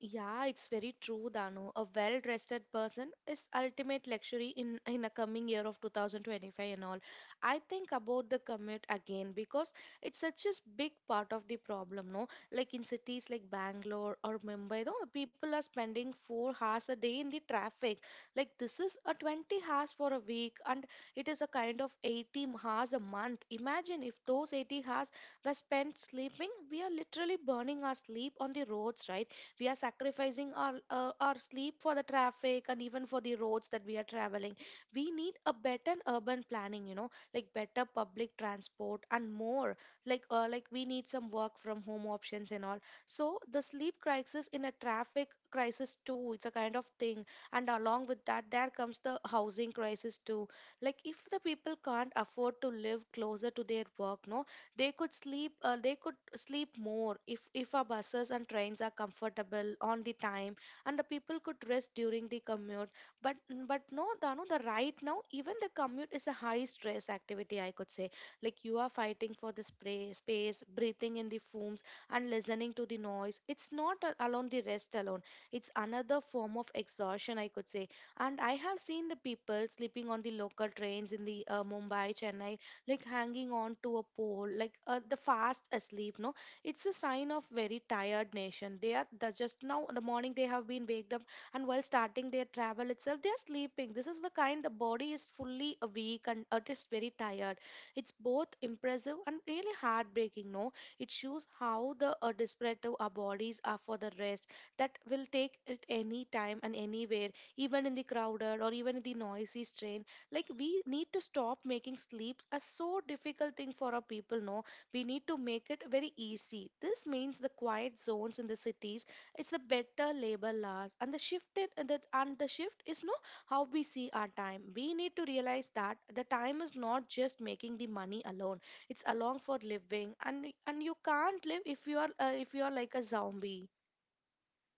Speaker 2: Yeah, it's very true, Danu. A well-rested person is ultimate luxury in a coming year of 2025 and all. I think about the commute again because it's such a big part of the problem, no? Like in cities like Bangalore or Mumbai, no, people are spending 4 hours a day in the traffic. Like this is a 20 hours for a week, and it is a kind of 80 hours a month. Imagine if those 80 hours were spent sleeping, we are literally burning our sleep on the roads, right? We are sacrificing our sleep for the traffic and even for the roads that we are traveling. We need a better urban planning, you know, like better public transport and more, like we need some work from home options and all. So the sleep crisis in a traffic crisis too, it's a kind of thing. And along with that there comes the housing crisis too. Like if the people can't afford to live closer to their work, no they could sleep. They could sleep more if our buses and trains are comfortable on the time, and the people could rest during the commute. But but no, Dano, the right now even the commute is a high stress activity, I could say. Like you are fighting for the spray, space, breathing in the fumes, and listening to the noise. It's not alone the rest alone. It's another form of exhaustion. I could say. And I have seen the people sleeping on the local trains in the Mumbai Chennai, like hanging on to a pole, like the fast asleep. No, it's a sign of very tired nation. They are the, just now in the morning they have been waked up, and while starting their travel itself, they are sleeping. This is the kind the body is fully awake and it is very tired. It's both impressive and really heartbreaking. No, it shows how the desperate our bodies are for the rest that will take it any time and anywhere, even in the crowded or even in the noisy train, like we need to stop making sleep a so difficult thing for our people, no, we need to make it very easy. This means the quiet zones in the cities, it's the better labor laws and the shifted and the shift is, no, how we see our time. We need to realize that the time is not just making the money alone, it's along for living. And you can't live if you are like a zombie.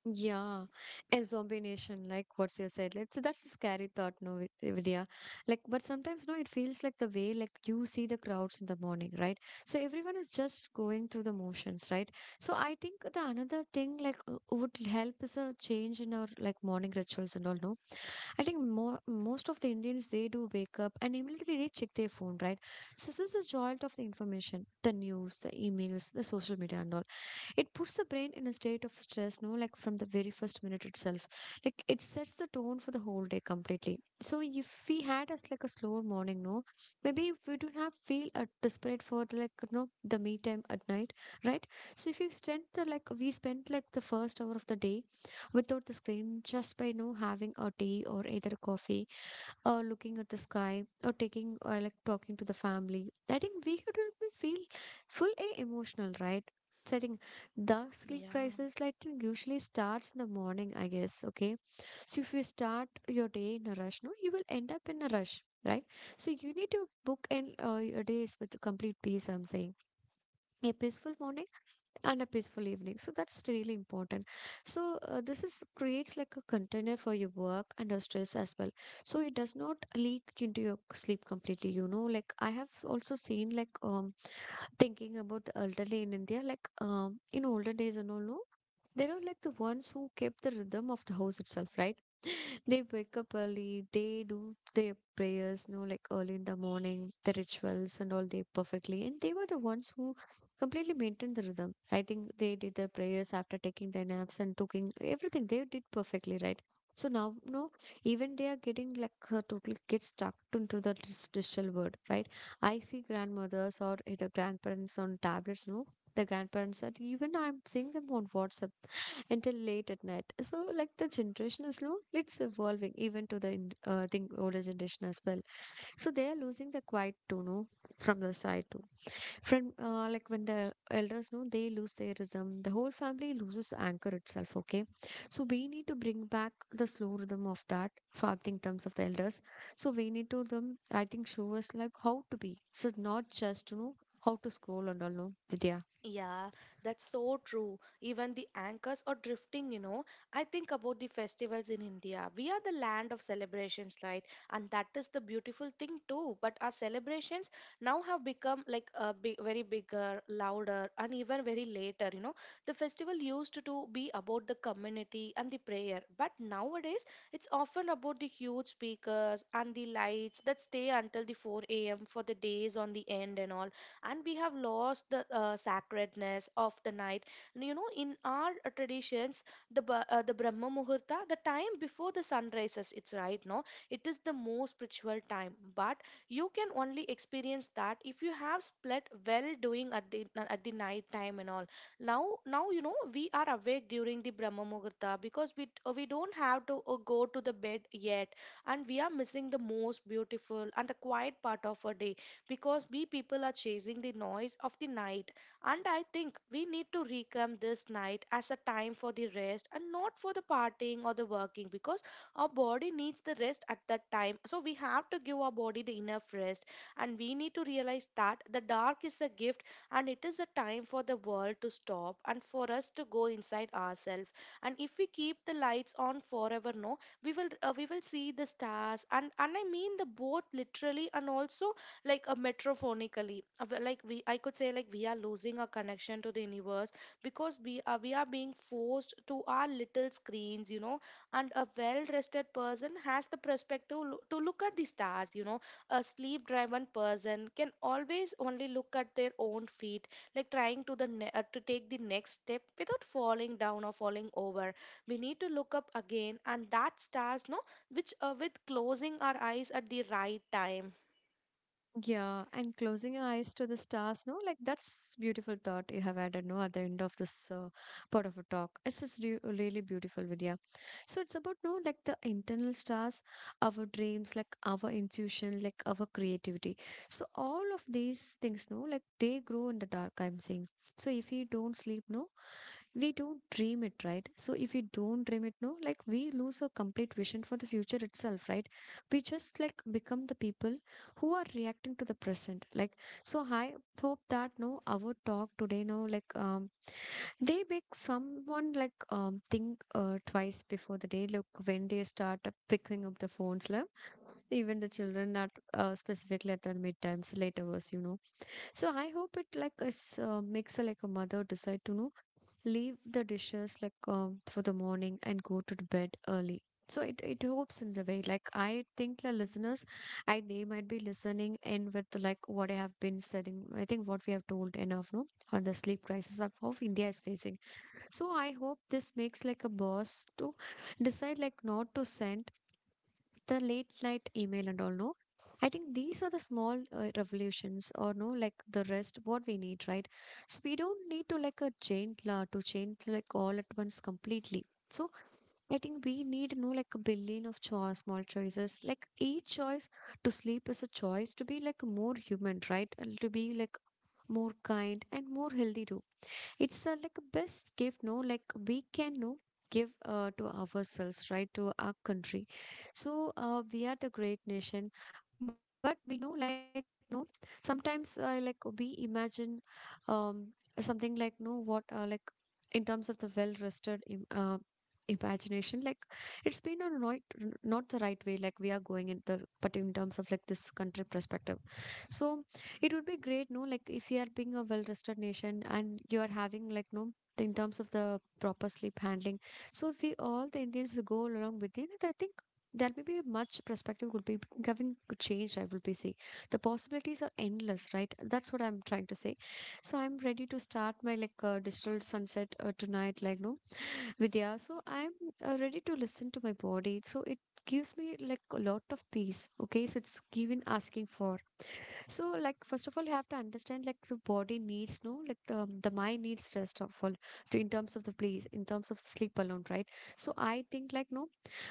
Speaker 1: Yeah, and zombie nation, like what you said, like, so that's a scary thought, no, Vidya. Like, but sometimes, no, it feels like the way, like, you see the crowds in the morning, right? So everyone is just going through the motions, right? So I think the another thing, like, would help is a change in our, like, morning rituals and all, no? I think most of the Indians, they do wake up and immediately they check their phone, right? So this is jolt of the information, the news, the emails, the social media and all. It puts the brain in a state of stress, no, like from the very first minute itself. Like it sets the tone for the whole day completely. So if we had us like a slower morning, no, maybe if we do not have feel desperate for like the me time at night, right? So if you spend the like we spent like the first hour of the day without the screen, just by having a tea or either a coffee or looking at the sky or taking or like talking to the family, I think we could will feel full a emotional, right? Setting the sleep
Speaker 2: Yeah.
Speaker 1: crisis like it usually starts in the morning, I guess. Okay, so if you start your day in a rush, no, you will end up in a rush, right? So you need to book in your days with complete peace, I'm saying. A peaceful morning and a peaceful evening, so that's really important. So this is creates like a container for your work and your stress as well, so it does not leak into your sleep completely, you know. Like I have also seen like thinking about the elderly in India, like in older days and all, no, they were like the ones who kept the rhythm of the house itself, right? They wake up early, they do their prayers, you know, like early in the morning, the rituals and all they perfectly. And they were the ones who completely maintained the rhythm. I think they did their prayers after taking their naps and cooking everything. They did perfectly, right? So now, no, even they are getting like totally get stuck into the digital world, right? I see grandmothers or either grandparents on tablets, no? The grandparents that even I'm seeing them on WhatsApp until late at night. So like the generation is low, it's evolving even to the think older generation as well. So they are losing the quiet to know from the side too. From like when the elders know, they lose their rhythm. The whole family loses anchor itself. Okay, so we need to bring back the slow rhythm of that farthing terms of the elders. So we need to them. I think show us like how to be. So not just you know how to scroll and all. No, Vidya.
Speaker 2: Yeah, that's so true. Even the anchors are drifting, you know. I think about the festivals in India. We are the land of celebrations, right? And that is the beautiful thing too. But our celebrations now have become like a big, very bigger, louder, and even very later, you know. The festival used to be about the community and the prayer, but nowadays it's often about the huge speakers and the lights that stay until the 4 a.m. for the days on the end and all. And we have lost the sacredness of the night, you know, in our traditions. The the brahma muhurta, the time before the sun rises, it's right, no, it is the most spiritual time. But you can only experience that if you have split well doing at the night time and all. Now you know we are awake during the brahma muhurta because we don't have to go to the bed yet, and we are missing the most beautiful and the quiet part of our day because we people are chasing the noise of the night. And I think we need to reclaim this night as a time for the rest and not for the partying or the working, because our body needs the rest at that time. So we have to give our body the enough rest, and we need to realize that the dark is a gift and it is a time for the world to stop and for us to go inside ourselves. And if we keep the lights on forever, no, we will see the stars. And I mean the both literally and also like a metrophonically. Like we I could say like we are losing our connection to the universe because we are being forced to our little screens, you know, and a well rested person has the perspective to look at the stars, you know. A sleep driven person can always only look at their own feet, like trying to to take the next step without falling down or falling over. We need to look up again and that stars, no, which with closing our eyes at the right time.
Speaker 1: Yeah, and closing your eyes to the stars, no, like that's beautiful thought you have added, no, at the end of this part of a talk. It's just re really beautiful, Vidya. So it's about, no, like the internal stars, our dreams, like our intuition, like our creativity. So all of these things, no, like they grow in the dark, I'm saying. So if you don't sleep, no, we don't dream it, right? So if we don't dream it, no, like we lose our complete vision for the future itself, right? We just like become the people who are reacting to the present like. So I hope that no our talk today no like they make someone like think twice before the day look when they start picking up the phones, like even the children at specifically at the midtimes late hours, you know. So I hope it like is makes a, like a mother decide to know leave the dishes like for the morning and go to the bed early. So it helps in the way. Like I think the listeners, I they might be listening in with like what I have been saying. I think what we have told enough, no, on the sleep crisis of India is facing. So I hope this makes like a boss to decide like not to send the late night email and all, no. I think these are the small revolutions or no like the rest what we need, right? So we don't need to like a chain law to change like all at once completely. So I think we need no like a billion of choice small choices, like each choice to sleep is a choice to be like more human, right? And to be like more kind and more healthy too. It's like a best gift, no, like we can no give to ourselves, right? To our country. So we are the great nation, but we know like no sometimes like we imagine um something like no what like in terms of the well rested imagination, like it's been a not the right way like we are going in the but in terms of like this country perspective. So it would be great, no, like if you are being a well-rested nation and you are having like no in terms of the proper sleep handling. So if we all the Indians go along with it, I think that may be a much perspective would be having changed. I will be seeing the possibilities are endless, right? That's what I'm trying to say. So I'm ready to start my like digital sunset tonight, like no Vidya. So I'm ready to listen to my body. So it gives me like a lot of peace. Okay, so it's given asking for. So, like, first of all, you have to understand, like, the body needs, no, like, the mind needs rest of all, so in terms of the place, in terms of sleep alone, right? So, I think, like, no,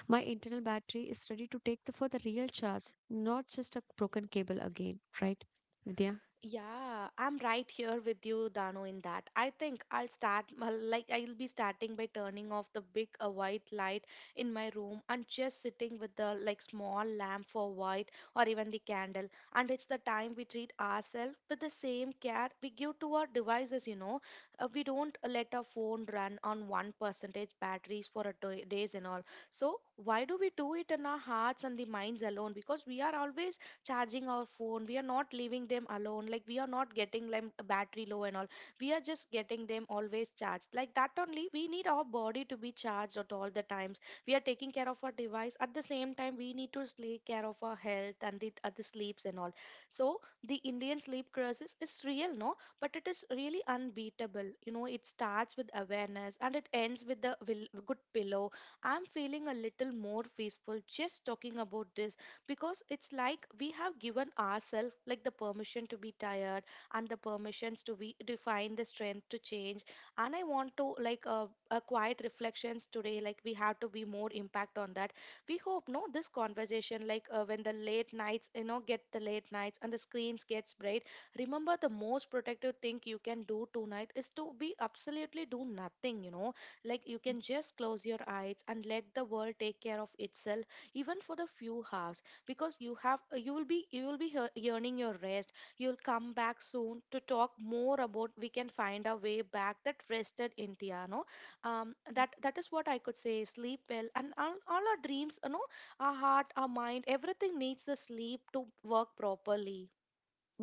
Speaker 1: my internal battery is ready to take the for the real charge, not just a broken cable again, right? Vidya?
Speaker 2: Yeah, I'm right here with you, Dano, in that. I think I'll start, like, I'll be starting by turning off the big white light in my room and just sitting with the, like, small lamp for white or even the candle. And it's the time we treat ourselves with the same care we give to our devices, you know. We don't let our phone run on 1% batteries for a day, days and all. So, why do we do it in our hearts and the minds alone? Because we are always charging our phone, we are not leaving them alone, like we are not getting them battery low and all. We are just getting them always charged. Like that only, we need our body to be charged at all the times. We are taking care of our device. At the same time we need to take care of our health and the other sleeps and all. So the Indian sleep crisis is real, no, but it is really unbeatable, you know. It starts with awareness and it ends with the will, good pillow. I'm feeling a little more peaceful just talking about this, because it's like we have given ourselves like the permission to be tired and the permissions to be define the strength to change. And I want to like a quiet reflections today, like we have to be more impact on that. We hope, no, this conversation, like when the late nights, you know, get the late nights and the screens gets bright, remember the most protective thing you can do tonight is to be absolutely do nothing, you know. Like you can just close your eyes and let the world take care of itself, even for the few hours. Because you will be, you will be yearning your rest. You'll come back soon to talk more about we can find a way back that rested India, no. That is what I could say. Sleep well and all our dreams, you know, our heart, our mind, everything needs the sleep to work properly.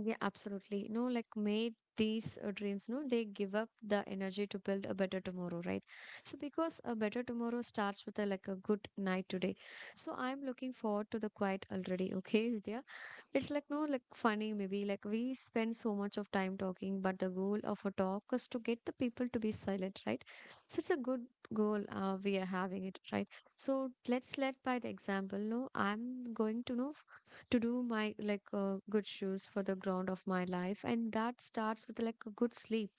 Speaker 1: Yeah, absolutely. No, like, made these dreams, no, they give up the energy to build a better tomorrow, right? So, because a better tomorrow starts with a like a good night today. So, I'm looking forward to the quiet already, okay, Vidya? It's like no like funny maybe like we spend so much of time talking, but the goal of a talk is to get the people to be silent, right? So it's a good goal we are having it, right? So let's lead by the example. No, I'm going to know to do my like good shoes for the ground of my life, and that starts with like a good sleep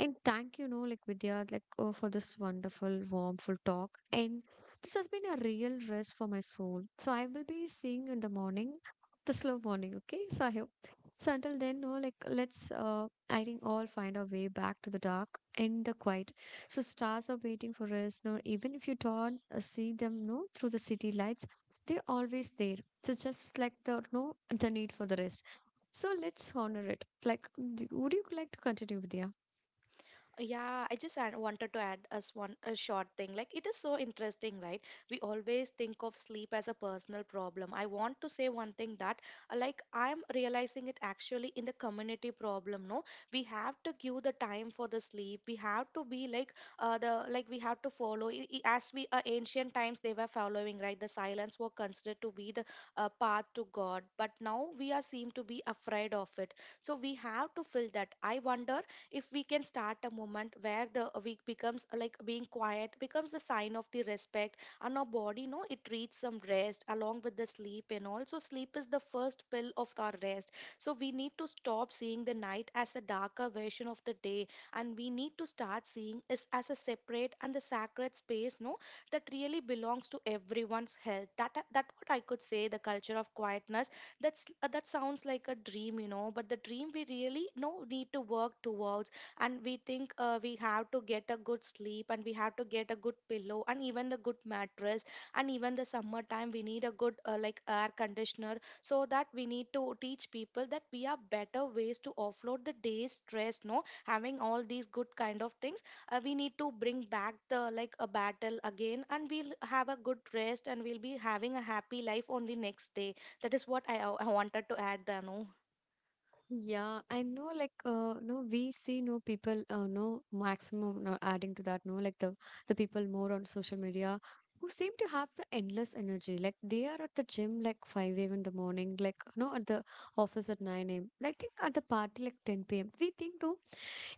Speaker 1: and thank you, know, like Vidya, like oh, for this wonderful, warmful talk. And this has been a real rest for my soul. So I will be seeing you in the morning, the slow morning. Okay, so I hope. So until then, no, like let's, I think all find our way back to the dark and the quiet. So stars are waiting for us. No, even if you don't see them, no, through the city lights, they're always there. So just like the no, the need for the rest. So let's honor it. Like, would you like to continue, Vidya?
Speaker 2: Yeah, I just wanted to add as one a short thing. Like it is so interesting, right? We always think of sleep as a personal problem. I want to say one thing that like I'm realizing it actually in the community problem, no? We have to give the time for the sleep. We have to be like the like we have to follow as we ancient times they were following, right? The silence were considered to be the path to God, but now we are seem to be afraid of it. So we have to fill that. I wonder if we can start a moment where the week becomes like being quiet becomes the sign of the respect. And our body, no, it needs some rest along with the sleep, and also sleep is the first pill of our rest. So we need to stop seeing the night as a darker version of the day, and we need to start seeing it as a separate and the sacred space, no, that really belongs to everyone's health. That that what I could say, the culture of quietness. That's that sounds like a dream, you know, but the dream we really no need to work towards. And we think we have to get a good sleep, and we have to get a good pillow and even the good mattress, and even the summertime we need a good like air conditioner. So that we need to teach people that we have better ways to offload the day's stress, no, having all these good kind of things. We need to bring back the like a battle again, and we'll have a good rest and we'll be having a happy life on the next day. That is what I wanted to add, Danu.
Speaker 1: Yeah, I know like no we see no people no maximum no adding to that no like the people more on social media who seem to have the endless energy like they are at the gym like 5 a.m. in the morning like no at the office at 9 a.m. like think at the party like 10 p.m. We think no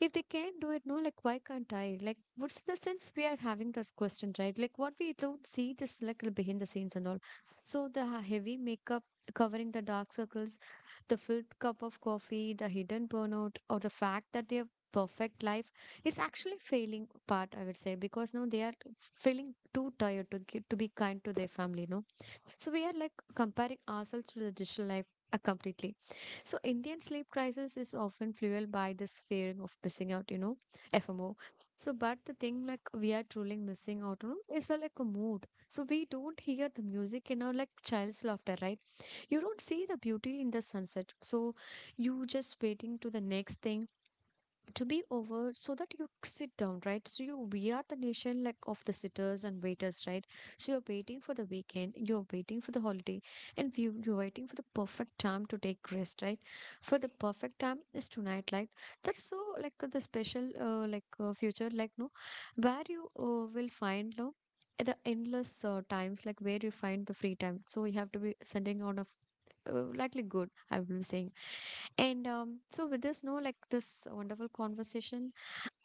Speaker 1: if they can do it no like why can't I like what's the sense we are having that question, right? Like what we don't see this like the behind the scenes and all so the heavy makeup covering the dark circles, the fifth cup of coffee, the hidden burnout, or the fact that their perfect life is actually failing part, I would say, because now they are feeling too tired to get to be kind to their family, no? So we are like comparing ourselves to the digital life completely. So Indian sleep crisis is often fueled by this fearing of missing out, FMO. So but the thing like we are truly missing out on is like a mood. So we don't hear the music in our like child's laughter, right? You don't see the beauty in the sunset, so you just waiting to the next thing to be over so that you sit down, right? So you, we are the nation like of the sitters and waiters, right? So you're waiting for the weekend, you're waiting for the holiday, and you're waiting for the perfect time to take rest, right? For the perfect time is tonight, like that's so like the special like future like no where you will find no the endless times like where you find the free time, so you have to be sending out of likely good I will be saying. And so with this no like this wonderful conversation,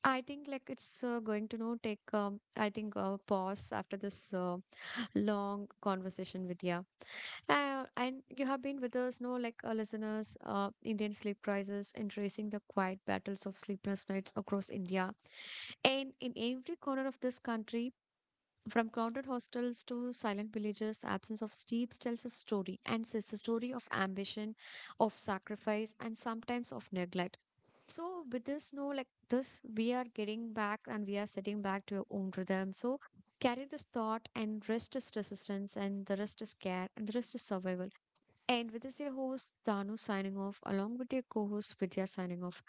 Speaker 1: I think like it's going to know take I think a pause after this long conversation with you, and you have been with us, no, like listeners, Indian sleep crisis and tracing the quiet battles of sleepless nights across India. And in every corner of this country, from crowded hostels to silent villages, absence of steeps tells a story, and it's a story of ambition, of sacrifice, and sometimes of neglect. So, with this, no, like this, we are getting back and we are setting back to your own rhythm. So, carry this thought, and rest is resistance, and the rest is care, and the rest is survival. And with this, your host, Danu, signing off, along with your co host, Vidya, signing off.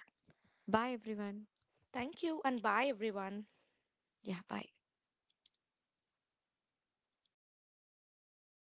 Speaker 1: Bye, everyone.
Speaker 2: Thank you and bye, everyone.
Speaker 1: Yeah, bye.